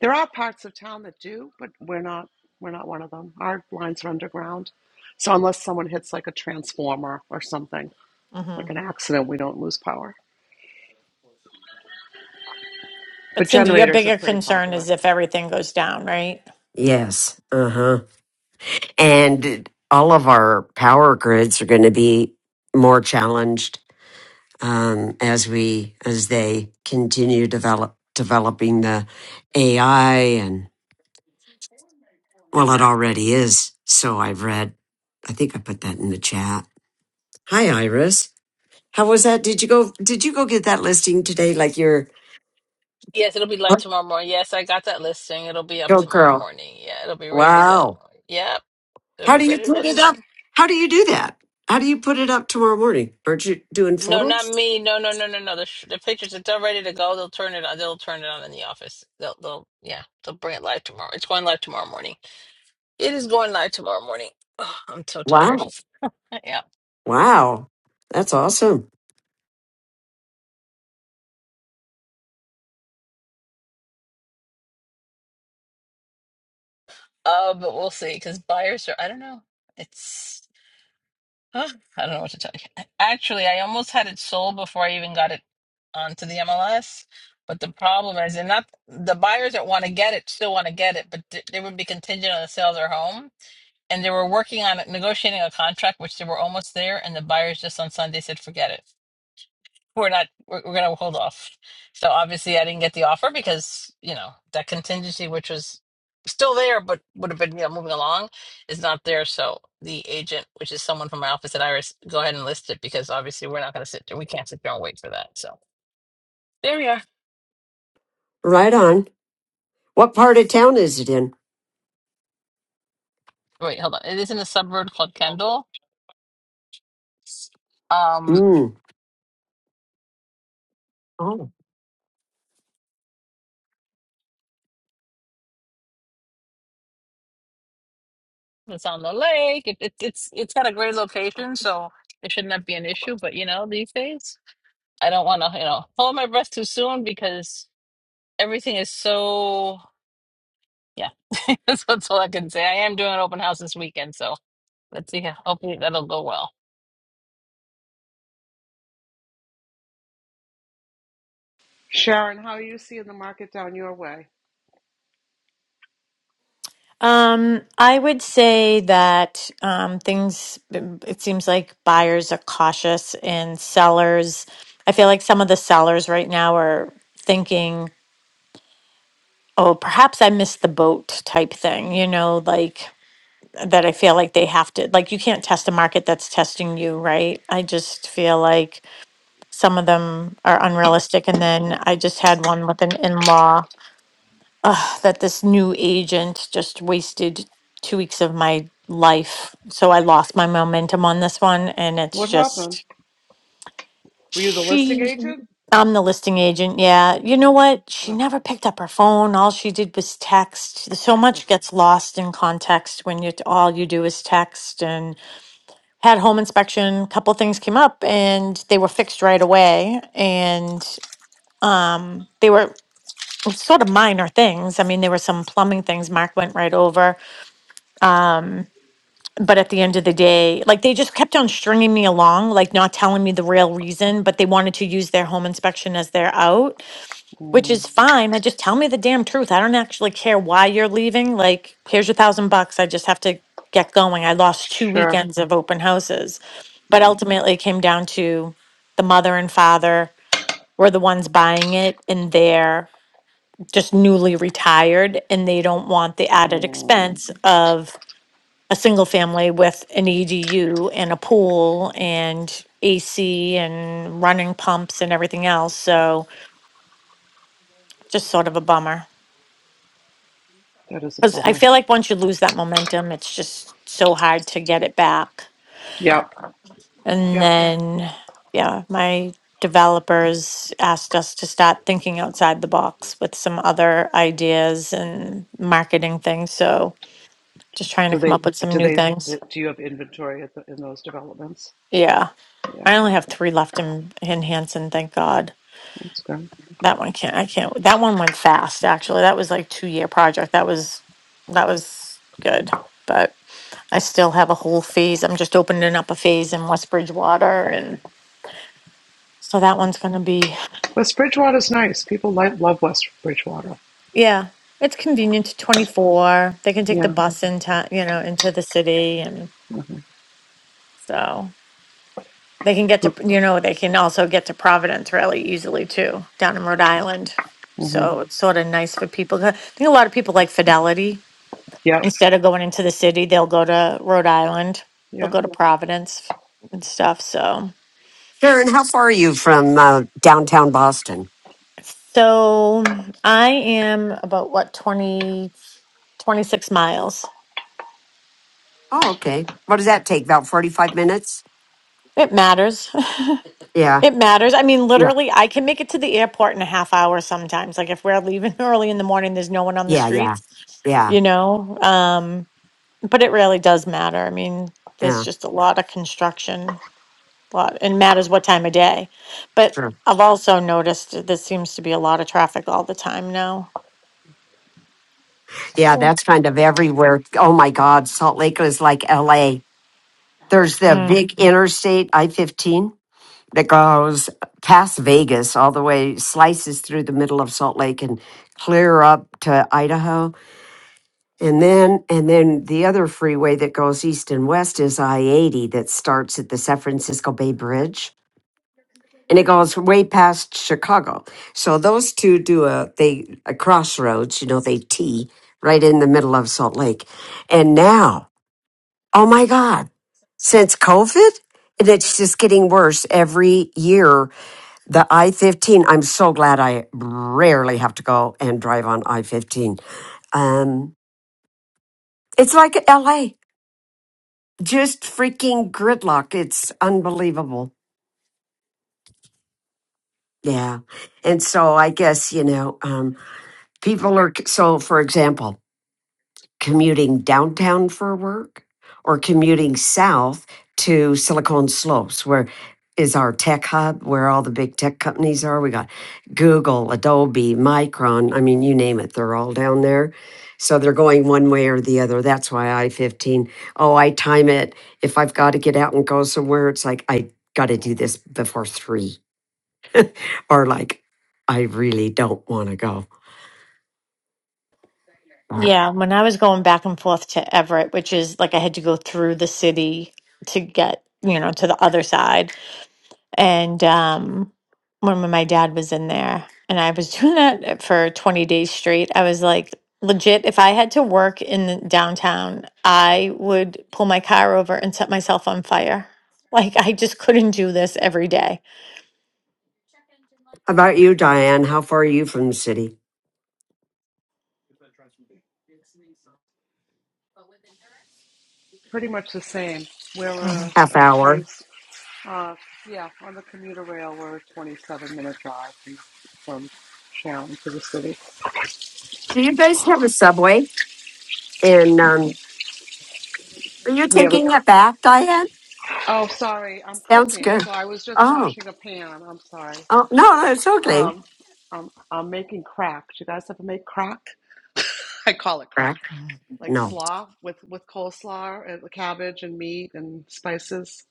Speaker 10: There are parts of town that do, but we're not. We're not one of them. Our lines are underground, so unless someone hits like a transformer or something,
Speaker 4: hmm
Speaker 10: like an accident, we don't lose power.
Speaker 4: But
Speaker 10: But
Speaker 4: Cindy, your
Speaker 10: generators are
Speaker 4: bigger
Speaker 10: pretty
Speaker 4: concern
Speaker 10: popular.
Speaker 4: is if everything goes down, right?
Speaker 1: Yes. Uh huh. and all of our power grids are going to be more challenged um, as we as they continue develop developing the AI and well, it already is. So I've read. I think I put that in the chat. Hi, Iris. How was that? Did you go? Did you go get that listing today? Like your
Speaker 11: Yes, it'll be live tomorrow morning. Yes, I got that listing. It'll be up
Speaker 1: go
Speaker 11: tomorrow
Speaker 1: girl.
Speaker 11: morning. Yeah, it'll be ready to
Speaker 1: Wow.
Speaker 11: go. Yep, it'll
Speaker 1: How
Speaker 11: be
Speaker 1: do you
Speaker 11: ready to go
Speaker 1: put
Speaker 11: in the
Speaker 1: it up?
Speaker 11: morning.
Speaker 1: How do you do that? How do you put it up tomorrow morning? Aren't you doing
Speaker 11: No, not
Speaker 1: photos?
Speaker 11: me. No, no, no, no, no. The sh- the pictures it's all ready to go. They'll turn it on. They'll turn it on in the office. They'll they'll yeah. They'll bring it live tomorrow. It's going live tomorrow morning. It is going live tomorrow morning. Ugh, I'm so
Speaker 1: Wow.
Speaker 11: tired. [LAUGHS] Yeah.
Speaker 1: Wow, that's awesome.
Speaker 11: Uh, but we'll see because buyers are. I don't know. It's. Huh? I don't know what to tell you. Actually, I almost had it sold before I even got it onto the MLS. But the problem is, and not the buyers that want to get it still want to get it, but th- they would be contingent on the sale of their home. And they were working on it, negotiating a contract, which they were almost there. And the buyers just on Sunday said, forget it we're not we're, we're gonna hold off so obviously i didn't get the offer because you know that contingency which was still there but would have been you know, moving along is not there so the agent which is someone from my office at iris go ahead and list it because obviously we're not gonna sit there we can't sit there and wait for that so there we are
Speaker 1: Right on. What part of town is it in?
Speaker 11: wait hold on it is in a suburb called kendall um
Speaker 1: Mm. Oh,
Speaker 11: it's on the lake it, it, it's it's got a great location so it should not be an issue but you know these days i don't want to you know hold my breath too soon because everything is so yeah. [LAUGHS] that's, that's all I can say. I am doing an open house this weekend, so let's see. how- Hopefully that'll go well.
Speaker 10: Sharon, how are you seeing the market down your way?
Speaker 4: Um, I would say that um, things, um, it seems like buyers are cautious and sellers. I feel like some of the sellers right now are thinking, oh, perhaps I missed the boat type thing, you know, like that I feel like they have to, like, you can't test a market that's testing you, right? I just feel like some of them are unrealistic. And then I just had one with an in law uh, that this new agent just wasted two weeks of my life. So I lost my momentum on this one. And it's
Speaker 10: What happened?
Speaker 4: just,
Speaker 10: Were you the listing
Speaker 4: she,
Speaker 10: agent?
Speaker 4: I'm the listing agent. Yeah. You
Speaker 10: Yeah.
Speaker 4: know what? She
Speaker 10: Ugh,
Speaker 4: never picked up her phone. All she did was text. So
Speaker 10: ugh.
Speaker 4: much gets lost in context when you all you do is text. and. had home inspection couple things came up and they were fixed right away and um they were sort of minor things i mean there were some plumbing things mark went right over um but at the end of the day like they just kept on stringing me along like not telling me the real reason but they wanted to use their home inspection as their out which
Speaker 10: Mm,
Speaker 4: is fine. I just tell me the damn truth. I don't actually care why you're leaving. Like, here's your thousand bucks. I just have to get going. I lost two
Speaker 10: sure.
Speaker 4: weekends of open houses. But
Speaker 10: Yeah.
Speaker 4: ultimately, it came down to the mother and father were the ones buying it, and they're just newly retired, and they don't want the added
Speaker 10: Mm,
Speaker 4: expense of a single family with an EDU and a pool and AC and running pumps and everything else. So, just sort of a bummer.
Speaker 10: that is a
Speaker 4: Because I
Speaker 10: bummer.
Speaker 4: feel like once you lose that momentum, it's just so hard to get it back.
Speaker 10: Yep.
Speaker 4: And
Speaker 10: Yep.
Speaker 4: then, yeah, my developers asked us to start thinking outside the box with some other ideas and marketing things. So just trying to
Speaker 10: Do
Speaker 4: come
Speaker 10: they?
Speaker 4: up with some
Speaker 10: Do
Speaker 4: new
Speaker 10: they?
Speaker 4: things.
Speaker 10: Do, do you have inventory at the, in those developments?
Speaker 4: Yeah.
Speaker 10: Yeah,
Speaker 4: I only have three left in, in Hanson, thank God.
Speaker 10: that's good.
Speaker 4: That one can't. I can't. That one went fast. Actually, that was like two year project. That was that was good. But I still have a whole phase. I'm just opening up a phase in West Bridgewater, and so that one's gonna be
Speaker 10: West Bridgewater's nice. People like love West Bridgewater.
Speaker 4: yeah. It's convenient to 24. They can take the
Speaker 10: Yeah.
Speaker 4: bus into you know into the city, and so they can get
Speaker 10: Mm-hmm.
Speaker 4: to you know they can also get to Providence really easily too down in Rhode Island.
Speaker 10: Mm-hmm.
Speaker 4: So it's sort of nice for people. I think a lot of people like Fidelity
Speaker 10: Yep.
Speaker 4: Instead of going into the city, they'll go to Rhode Island. They'll
Speaker 10: Yep.
Speaker 4: go to Providence and stuff. So,
Speaker 1: Sharon, how far are you from uh, downtown Boston?
Speaker 4: so I am about what 20 26 miles.
Speaker 1: Oh, okay. What does that take? About forty-five minutes?
Speaker 4: It matters. [LAUGHS]
Speaker 1: Yeah,
Speaker 4: it matters. I mean,
Speaker 1: yeah,
Speaker 4: literally, I can make it to the airport in a half hour sometimes. Like if we're leaving [LAUGHS] early in the morning, there's no one on the
Speaker 1: yeah, yeah,
Speaker 4: streets,
Speaker 1: yeah,
Speaker 4: you know? Um, but it really does matter. I mean, there's
Speaker 1: yeah.
Speaker 4: just a lot of construction lot and matters what time of day. But
Speaker 1: Sure.
Speaker 4: I've also noticed there seems to be a lot of traffic all the time now.
Speaker 1: Yeah,
Speaker 4: Yeah.
Speaker 1: that's kind of everywhere. Oh my God, Salt Lake is like L.A. There's the
Speaker 4: Mm.
Speaker 1: big interstate I-15 that goes past Vegas all the way, slices through the middle of Salt Lake and clear up to Idaho And then, and then the other freeway that goes east and west is I 80 that starts at the San Francisco Bay Bridge and it goes way past Chicago. So those two do a, they, a crossroads, you know, they T right in the middle of Salt Lake. And now, oh my God, since COVID, and it's just getting worse every year. The I 15, I'm so glad I rarely have to go and drive on I 15. Um, it's like LA. just freaking gridlock. It's unbelievable. Yeah. And so I guess, you know, um, people are, so for example, commuting downtown for work or commuting south to Silicon Slopes, where is our tech hub, where all the big tech companies are. We got Google, Adobe, Micron. I mean, you name it, they're all down there. So they're going one way or the other. That's why I 15. Oh, I time it. If I've got to get out and go somewhere, it's like, I got to do this before three, or like, I really don't want to go. Uh,
Speaker 4: Yeah, when I was going back and forth to Everett, which is like I had to go through the city to get, you know, to the other side. and um when my dad was in there and i was [LAUGHS] doing that for 20 days straight i was like legit if i had to work in the downtown i would pull my car over and set myself on fire like i just couldn't do this every day.
Speaker 1: How about you, Diane? How far are you from the city?
Speaker 10: Pretty much the same. We're a,
Speaker 4: Mhm.
Speaker 1: Half
Speaker 10: a 20.
Speaker 1: hour.
Speaker 10: Uh, yeah, on the commuter rail, we're a 27 minute drive from, from Sharon to the city.
Speaker 1: Do you guys have a subway? And um, are you
Speaker 10: We have a,
Speaker 1: taking it back, Diane?
Speaker 10: oh, sorry, I'm
Speaker 1: Sounds
Speaker 10: cooking.
Speaker 1: good.
Speaker 10: So I was just
Speaker 1: Oh,
Speaker 10: washing a pan. I'm sorry.
Speaker 1: oh no, no, it's okay.
Speaker 10: Um, I'm, I'm making crack. Do you guys ever make crack? I call it
Speaker 1: Correct.
Speaker 10: crack.
Speaker 4: Mhm.
Speaker 10: Like
Speaker 1: No.
Speaker 10: slaw with, with coleslaw and cabbage and meat and spices,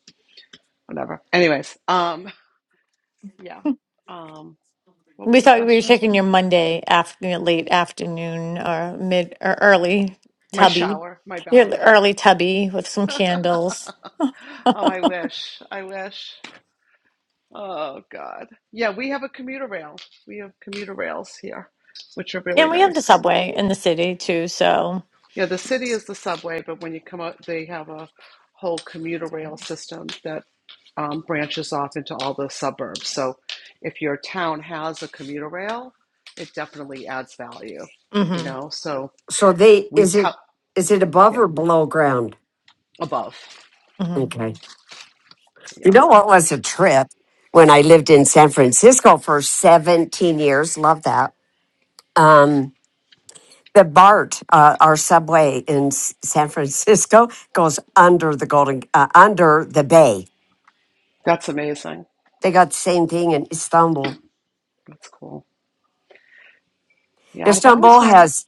Speaker 10: whatever. Anyways, um, yeah. Um, what was
Speaker 4: we
Speaker 10: the
Speaker 4: thought we were
Speaker 10: question?
Speaker 4: taking your monday afternoon, late afternoon or mid or early
Speaker 10: My
Speaker 4: tubby
Speaker 10: shower, my
Speaker 4: your
Speaker 10: bath.
Speaker 4: early tubby with some
Speaker 10: [LAUGHS]
Speaker 4: candles
Speaker 10: oh, I wish. I wish. Oh, God. Yeah, we have a commuter rail. We have commuter rails here, which are really
Speaker 4: and we have the
Speaker 10: nice.
Speaker 4: subway in the city too so
Speaker 10: Yeah, the city is the subway, but when you come out, they have a whole commuter rail system that um, branches off into all the suburbs. So if your town has a commuter rail, it definitely adds value, you
Speaker 4: mhm,
Speaker 10: know? So
Speaker 1: So they
Speaker 10: we
Speaker 1: is it
Speaker 10: tell,
Speaker 1: is it above
Speaker 10: yeah,
Speaker 1: or below ground?
Speaker 10: above.
Speaker 4: mhm.
Speaker 1: Okay.
Speaker 10: Yeah,
Speaker 1: You know what was a trip when I lived in San Francisco for 17 years? Love that. Um, the BART, uh, our subway in S- San Francisco, [LAUGHS] goes under the Golden, uh, under the bay.
Speaker 10: that's amazing.
Speaker 1: They got the same thing in Istanbul.
Speaker 10: That's cool. Yeah, I've always
Speaker 1: Istanbul
Speaker 10: wanted.
Speaker 1: has,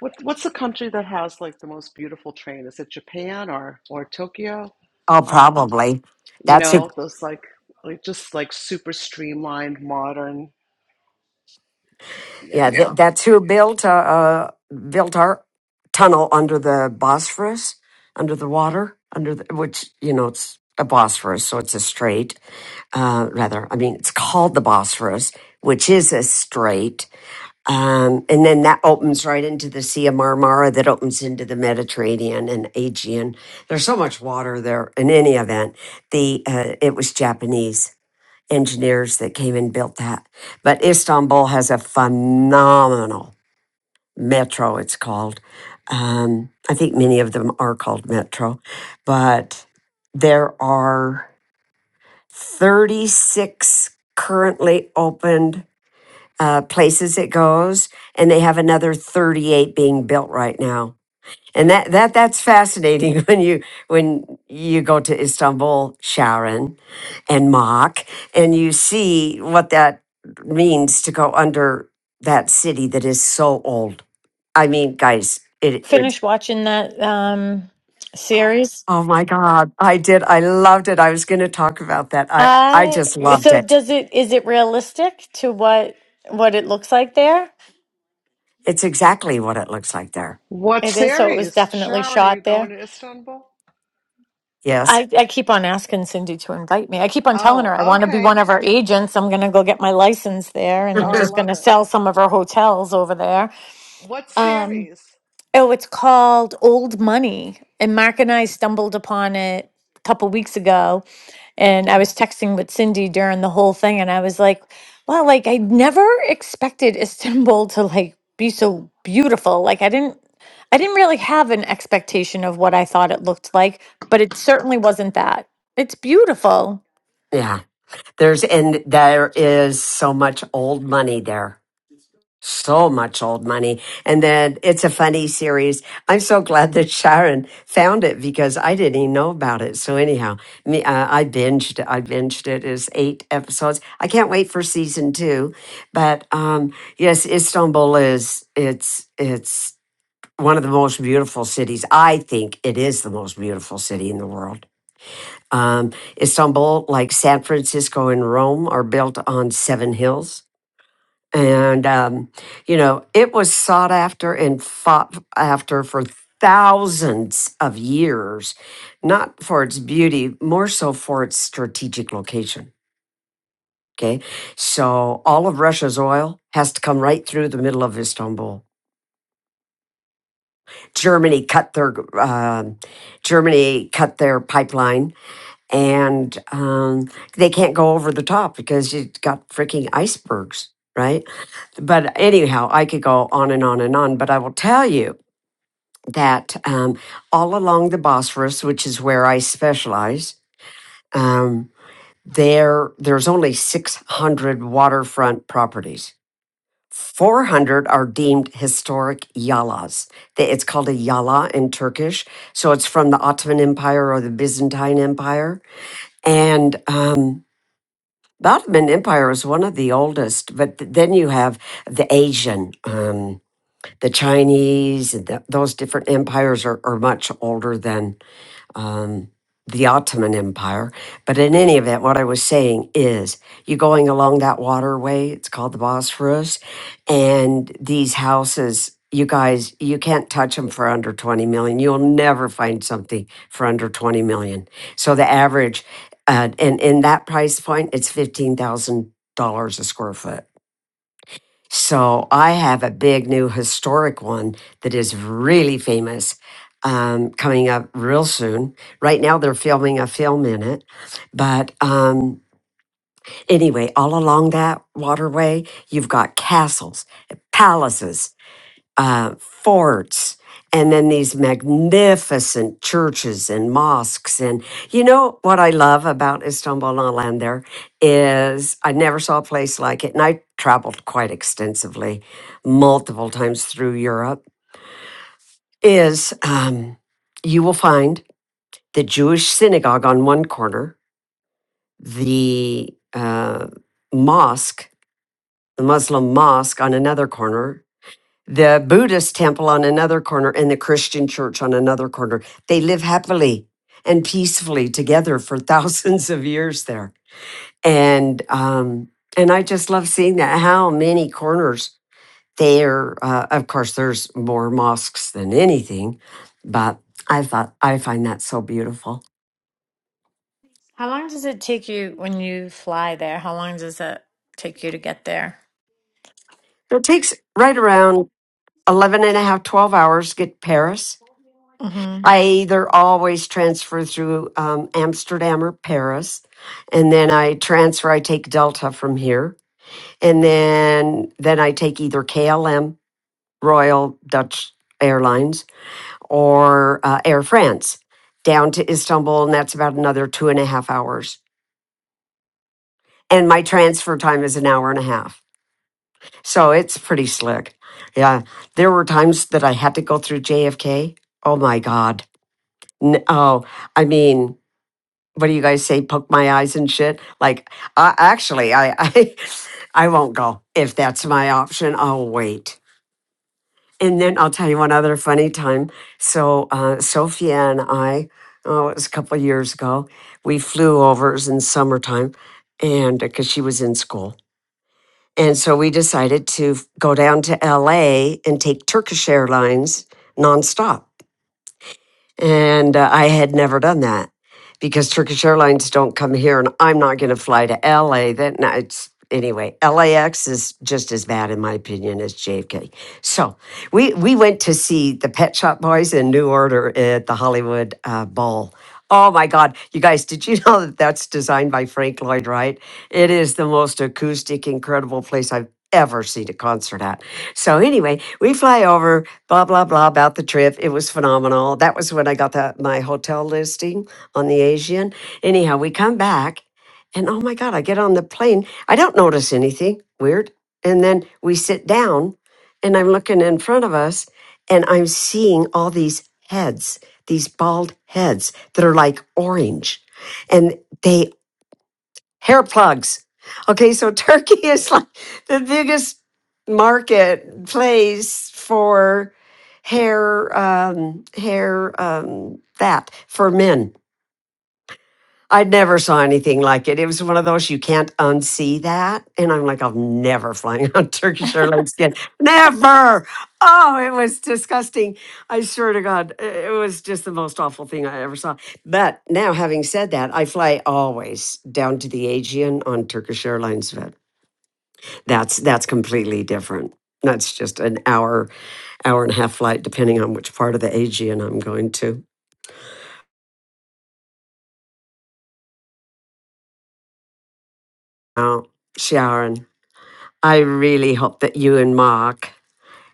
Speaker 10: What what's the country that has like the most beautiful train? Is it Japan or or Tokyo?
Speaker 1: oh,
Speaker 10: Um,
Speaker 1: probably
Speaker 10: you
Speaker 1: that's who,
Speaker 10: know, those like like just like super streamlined, modern.
Speaker 1: yeah,
Speaker 10: Yeah.
Speaker 1: th- Yeah. that's who built, uh, uh, built our tunnel under the Bosphorus, under the water, under the, which, you know, it's a Bosphorus, so it's a strait uh, rather, I mean, it's called the Bosphorus, which is a strait. Um, and then that opens right into the Sea of Marmara that opens into the Mediterranean and Aegean. There's so much water there. In any event, the uh, it was Japanese engineers that came and built that. But Istanbul has a phenomenal metro, it's called. Um, I think many of them are called metro, but there are. 36 currently opened uh, places it goes, and they have another 38 being built right now. And that, that that's fascinating [LAUGHS] when you when you go to Istanbul, Sharon, and Mach, and you see what that means to go under that city that is so old. I mean, guys, it. it
Speaker 4: Finish watching that um series.
Speaker 1: oh my God, I did. I loved it. I was going to talk about that. I I
Speaker 4: I
Speaker 1: just loved
Speaker 4: so
Speaker 1: it.
Speaker 4: does it is it realistic to what what it looks like there?
Speaker 1: It's exactly what it looks like there.
Speaker 10: What
Speaker 4: It is, so it was
Speaker 10: series?
Speaker 4: definitely
Speaker 10: Sharon, are you
Speaker 4: shot
Speaker 10: going
Speaker 4: there.
Speaker 10: to Istanbul?
Speaker 1: Yes.
Speaker 4: I, I keep on asking Cindy to invite me. I keep on telling
Speaker 10: Oh,
Speaker 4: her I want to be
Speaker 10: okay.
Speaker 4: one of her agents. I'm gonna go get my license there and
Speaker 10: Oh,
Speaker 4: I'm
Speaker 10: I
Speaker 4: just
Speaker 1: [LAUGHS]
Speaker 10: love
Speaker 4: gonna
Speaker 10: it.
Speaker 4: sell some of her hotels over there.
Speaker 10: What
Speaker 4: Um,
Speaker 10: series?
Speaker 4: Oh, it's called Old Money. And Mark and I stumbled upon it a couple weeks ago.
Speaker 10: Mm-hmm.
Speaker 4: And I was texting with Cindy during the whole thing. And I was like, wow, like I never expected Istanbul to like be so beautiful. Like I didn't, I didn't really have an expectation of what I thought it looked like, but it certainly wasn't that. It's beautiful.
Speaker 1: yeah. There's, and there is so much old money there. So much old money. And then it's a funny series. I'm so glad that Sharon found it because I didn't even know about it. So anyhow, me, uh, I binged, I binged it. It's eight episodes. I can't wait for season two. But, um, yes, Istanbul is, it's, it's, one of the most beautiful cities. I think it is the most beautiful city in the world Um, Istanbul, like San Francisco and Rome, are built on seven hills. And, um, you know, it was sought after and fought after for thousands of years, not for its beauty, more so for its strategic location. Okay. So all of Russia's oil has to come right through the middle of Istanbul. Germany cut their um Germany cut their pipeline and um, they can't go over the top because you've got freaking icebergs, right? But anyhow, I could go on and on and on, but I will tell you that um, all along the Bosphorus, which is where I specialize, um, there there's only 600 waterfront properties. 400 are deemed historic yalas. They- It's called a yala in Turkish. So it's from the Ottoman Empire or the Byzantine Empire. And um, The Ottoman Empire is one of the oldest, but th- then you have the Asian, um, the Chinese, and th- those different empires are, are much older than um, the Ottoman Empire. But in any event, what I was saying is you're going along that waterway, it's called the Bosphorus, and these houses. You guys, you can't touch them for under 20 million. You'll never find something for under 20 million. So the average, uh, and in that price point, it's $15,000 a square foot. So I have a big new historic one that is really famous um, coming up real soon. Right now, they're filming a film in it. But um, anyway, all along that waterway, you've got castles, palaces uh, forts and then these magnificent churches and mosques. And you know what I love about Istanbul and land there is I never saw a place like it. And I traveled quite extensively, multiple times through Europe. Is um, you will find the Jewish synagogue on one corner, the uh, mosque, the Muslim mosque on another corner, the Buddhist temple on another corner and the Christian church on another corner. They live happily and peacefully together for [LAUGHS] thousands of years there. And um, and I just love seeing that. How many corners there? Uh, of course, there's more mosques than anything, but I thought I find that so beautiful.
Speaker 4: How long does it take you when you fly there? How long does it take you to get there?
Speaker 1: So it takes right around 11 and a half, 12 hours to get to Paris I either always transfer through um, Amsterdam or Paris, and then I transfer. I take Delta from here, and then then I take either KLM, Royal Dutch Airlines, or uh, Air France down to Istanbul, and that's about another two and a half hours. And my transfer time is an hour and a half, so it's pretty slick. Yeah, there were times that I had to go through JFK. Oh my God! N- oh, I mean. what do you guys say? Poke my eyes and shit. Like, uh, actually, I, [LAUGHS] I, I won't go if that's my option. I'll wait. And then I'll tell you one other funny time. So uh, Sophia and I, oh, it was a couple of years ago. We flew over. It was in summertime, and because she was in school, and so we decided to f- go down to L.A. and take Turkish Airlines nonstop. And uh, I had never done that because Turkish Airlines don't come here and I'm not going to fly to LA. That no, it's anyway, LAX is just as bad in my opinion as JFK. So, we we went to see the Pet Shop Boys in New Order at the Hollywood uh, Bowl. Oh my God, you guys, did you [LAUGHS] know that that's designed by Frank Lloyd Wright? It is the most acoustic, incredible place I've ever seen a concert at. So anyway, we fly over, blah blah blah about the trip. It was phenomenal. That was when I got the, my hotel listing on the Asian. Anyhow, we come back, and oh my god, I get on the plane. I don't notice anything weird, and then we sit down, and I'm looking in front of us, and I'm seeing all these heads, these bald heads that are like orange, and they hair plugs. Okay, so [LAUGHS] Turkey is like the biggest market place for hair um hair um that for men I never saw anything like it. It was one of those you can't unsee that. And I'm like, I'm never flying on [LAUGHS] Turkish Airlines again. Never. Oh, it was disgusting. I swear to God, i- it was just the most awful thing I ever saw. But now, having said that, I fly always down to the Aegean on Turkish Airlines. But that's that's completely different. That's just an hour, hour and a half flight, depending on which part of the Aegean I'm going to. Oh, Sharon, I really hope that you and Mark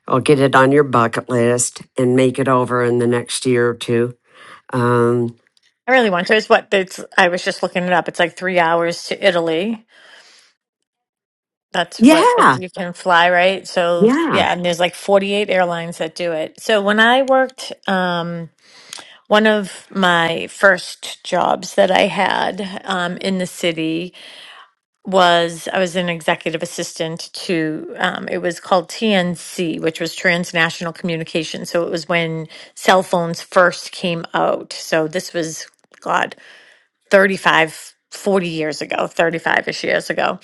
Speaker 1: I'll get it on your bucket list and make it over in the next year or two. Um,
Speaker 4: I really want to. It's what it's. I was just looking it up. It's like three hours to Italy. That's what if
Speaker 1: yeah,
Speaker 4: you can fly, right? So
Speaker 1: yeah.
Speaker 4: yeah, and there's like 48 airlines that do it. So when I worked, um, one of my first jobs that I had um, in the city was I was an executive assistant to. Um, it was called TNC, which was Transnational Communication. So it was when cell phones first came out. So this was God. 35, 40 years ago, 35 ish years ago.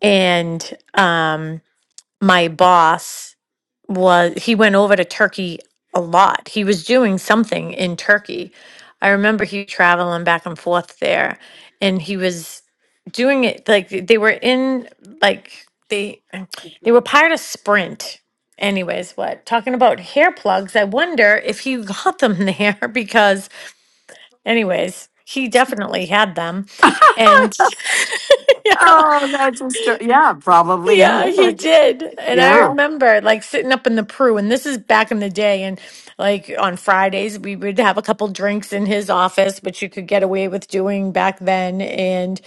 Speaker 4: And um, my boss was, he went over to Turkey a lot. He was doing something in Turkey. I remember he traveling back and forth there and he was doing it like they were in, like, they, they were part of Sprint. Anyways, what? Talking about hair plugs, I wonder if he [LAUGHS] got them there [LAUGHS] because Anyways, he definitely had them.
Speaker 1: [LAUGHS]
Speaker 4: And [LAUGHS] yeah,
Speaker 1: Oh, that's a story. Yeah, probably he
Speaker 4: yeah, he
Speaker 1: would.
Speaker 4: did. And I
Speaker 1: Yeah.
Speaker 4: remember like sitting up in the Pru, and this is back in the day. And like on Fridays, we would have a couple drinks in his office, which you could get away with doing back then. And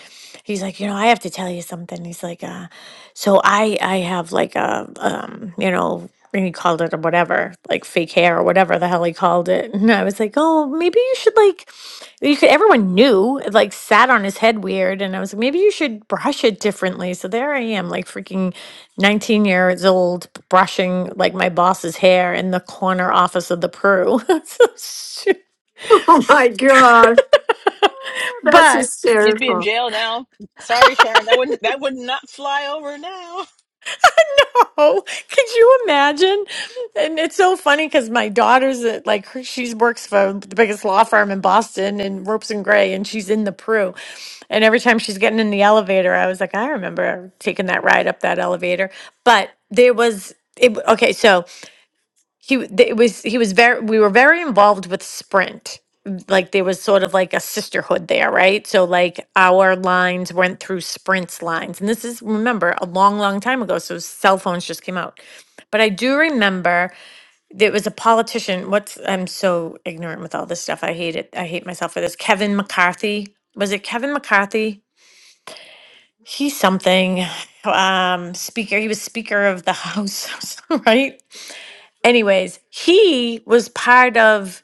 Speaker 4: he's like, you know, I have to tell you something. He's like, uh, so I, I have like a, um, you know, and he called it or whatever, like fake hair or whatever the hell he called it. And I was like, oh, maybe you should like you could everyone knew it like sat on his head weird and i was like maybe you should brush it differently so there i am like freaking 19 years old b- brushing like my boss's hair in the corner office of the peru
Speaker 1: [LAUGHS] Oh my God.
Speaker 4: [LAUGHS]
Speaker 1: That's
Speaker 4: but
Speaker 11: You'd be in
Speaker 1: hysterical.
Speaker 11: jail now. Sorry, Sharon. That wouldn't that would not fly over now.
Speaker 4: [LAUGHS] know. Could you imagine? And it's so funny because my daughter's at, like her, she works for the biggest law firm in Boston in Ropes and Gray, and she's in the Prue. And every time she's getting in the elevator, I was like, I remember taking that ride up that elevator. But there was it. Okay, so he w- th- it was he was very we were very involved with sprint like there was sort of like a sisterhood there right so like our lines went through sprint's lines and this is remember a long long time ago so cell phones just came out but i do remember there was a politician what's i'm so ignorant with all this stuff i hate it i hate myself for this kevin mccarthy was it kevin mccarthy he's something [SIGHS] um speaker he was speaker of the house [LAUGHS] right anyways, he was part of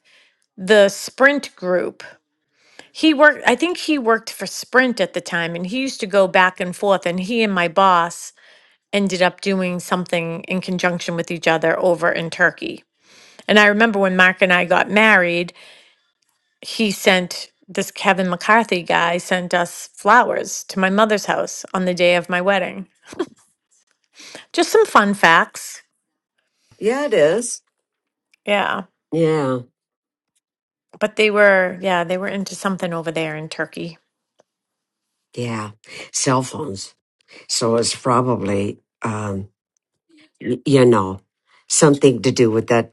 Speaker 4: the Sprint group. He worked, I think he worked for Sprint at the time, and he used to go back and forth. And he and my boss ended up doing something in conjunction with each other over in Turkey. And I remember when Mark and I got married, he sent this Kevin McCarthy guy sent us flowers to my mother's house on the day of my wedding. Just some fun facts.
Speaker 1: Yeah, it is.
Speaker 4: Yeah.
Speaker 1: Yeah,
Speaker 4: But they were, yeah, they were into something over there in Turkey.
Speaker 1: yeah. Cell phones. So it's probably, um, y- you know, something to do with that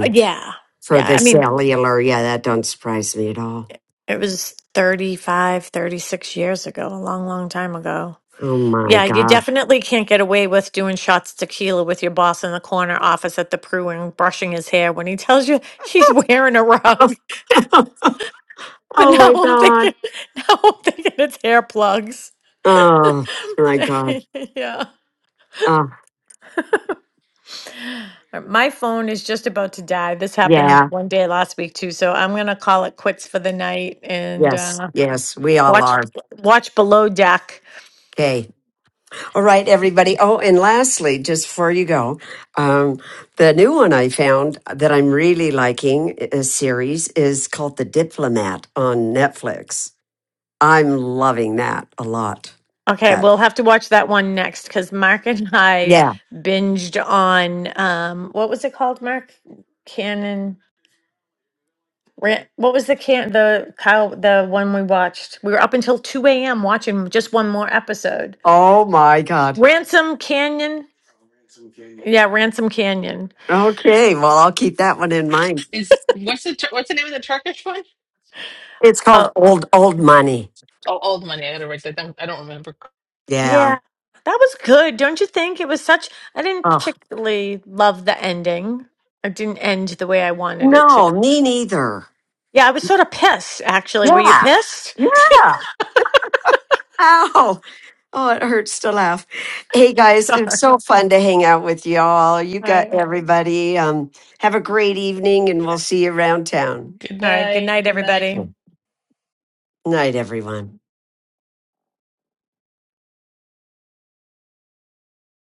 Speaker 4: Uh, Yeah.
Speaker 1: for
Speaker 4: Yeah.
Speaker 1: the
Speaker 4: I mean,
Speaker 1: cellular. Yeah, that don't surprise me at all.
Speaker 4: it was 35, 36 years ago, a long, long time ago.
Speaker 1: Oh my
Speaker 4: Yeah, you
Speaker 1: God.
Speaker 4: definitely can't get away with doing shots of tequila with your boss in the corner office at the Pru and brushing his hair when he tells you [LAUGHS] he's wearing a rug. [LAUGHS]
Speaker 1: [LAUGHS] oh
Speaker 4: But now
Speaker 1: my
Speaker 4: I'm
Speaker 1: god.
Speaker 4: thinking, [LAUGHS] now I'm thinking it's hair plugs. [LAUGHS]
Speaker 1: Oh my god.
Speaker 4: yeah.
Speaker 1: Oh
Speaker 4: Uh, My phone is just about to die. This happened
Speaker 1: yeah.
Speaker 4: one day last week too, so I'm gonna call it quits for the night and.
Speaker 1: Yes.
Speaker 4: uh,
Speaker 1: Yes. We all
Speaker 4: Watch
Speaker 1: are.
Speaker 4: watch Below Deck.
Speaker 1: Okay. All right, everybody. Oh, and lastly, just before you go, um, the new one I found that I'm really liking a series is called The Diplomat on Netflix. I'm loving that a lot.
Speaker 4: Okay,
Speaker 1: But
Speaker 4: we'll have to watch that one next because Mark and [LAUGHS] I
Speaker 1: yeah.
Speaker 4: binged on um what was it called, Mark? Cannon. Ran- What was the can the Kyle the one we watched? We were up until two a.m. watching just one more episode.
Speaker 1: Oh my god.
Speaker 4: Ransom Canyon. Yeah, Ransom Canyon.
Speaker 1: Okay. Well, I'll keep that one in mind.
Speaker 11: Is what's the tur- what's the name of the Turkish one?
Speaker 1: It's called
Speaker 4: Oh
Speaker 1: Old Old Money.
Speaker 11: Oh, old money. I gotta write that down. I don't remember.
Speaker 1: Yeah.
Speaker 4: yeah, that was good, don't you think? It was such. I didn't
Speaker 1: Oh,
Speaker 4: particularly love the ending. It didn't end the way I wanted it to.
Speaker 1: No, me neither.
Speaker 4: Yeah, I was sort of pissed, actually. Were you
Speaker 1: Yeah.
Speaker 4: pissed?
Speaker 1: Yeah. Ow. Oh, it hurts to laugh. Hey
Speaker 4: [LAUGHS]
Speaker 1: guys,
Speaker 4: Sorry.
Speaker 1: it's
Speaker 4: All
Speaker 1: so fun to hang out with y'all. You got
Speaker 4: right.
Speaker 1: everybody. Um, have a great evening and we'll see you around town.
Speaker 11: Good
Speaker 4: All right. Good
Speaker 11: night.
Speaker 4: night,
Speaker 11: Good night.
Speaker 4: everybody.
Speaker 1: Night, everyone.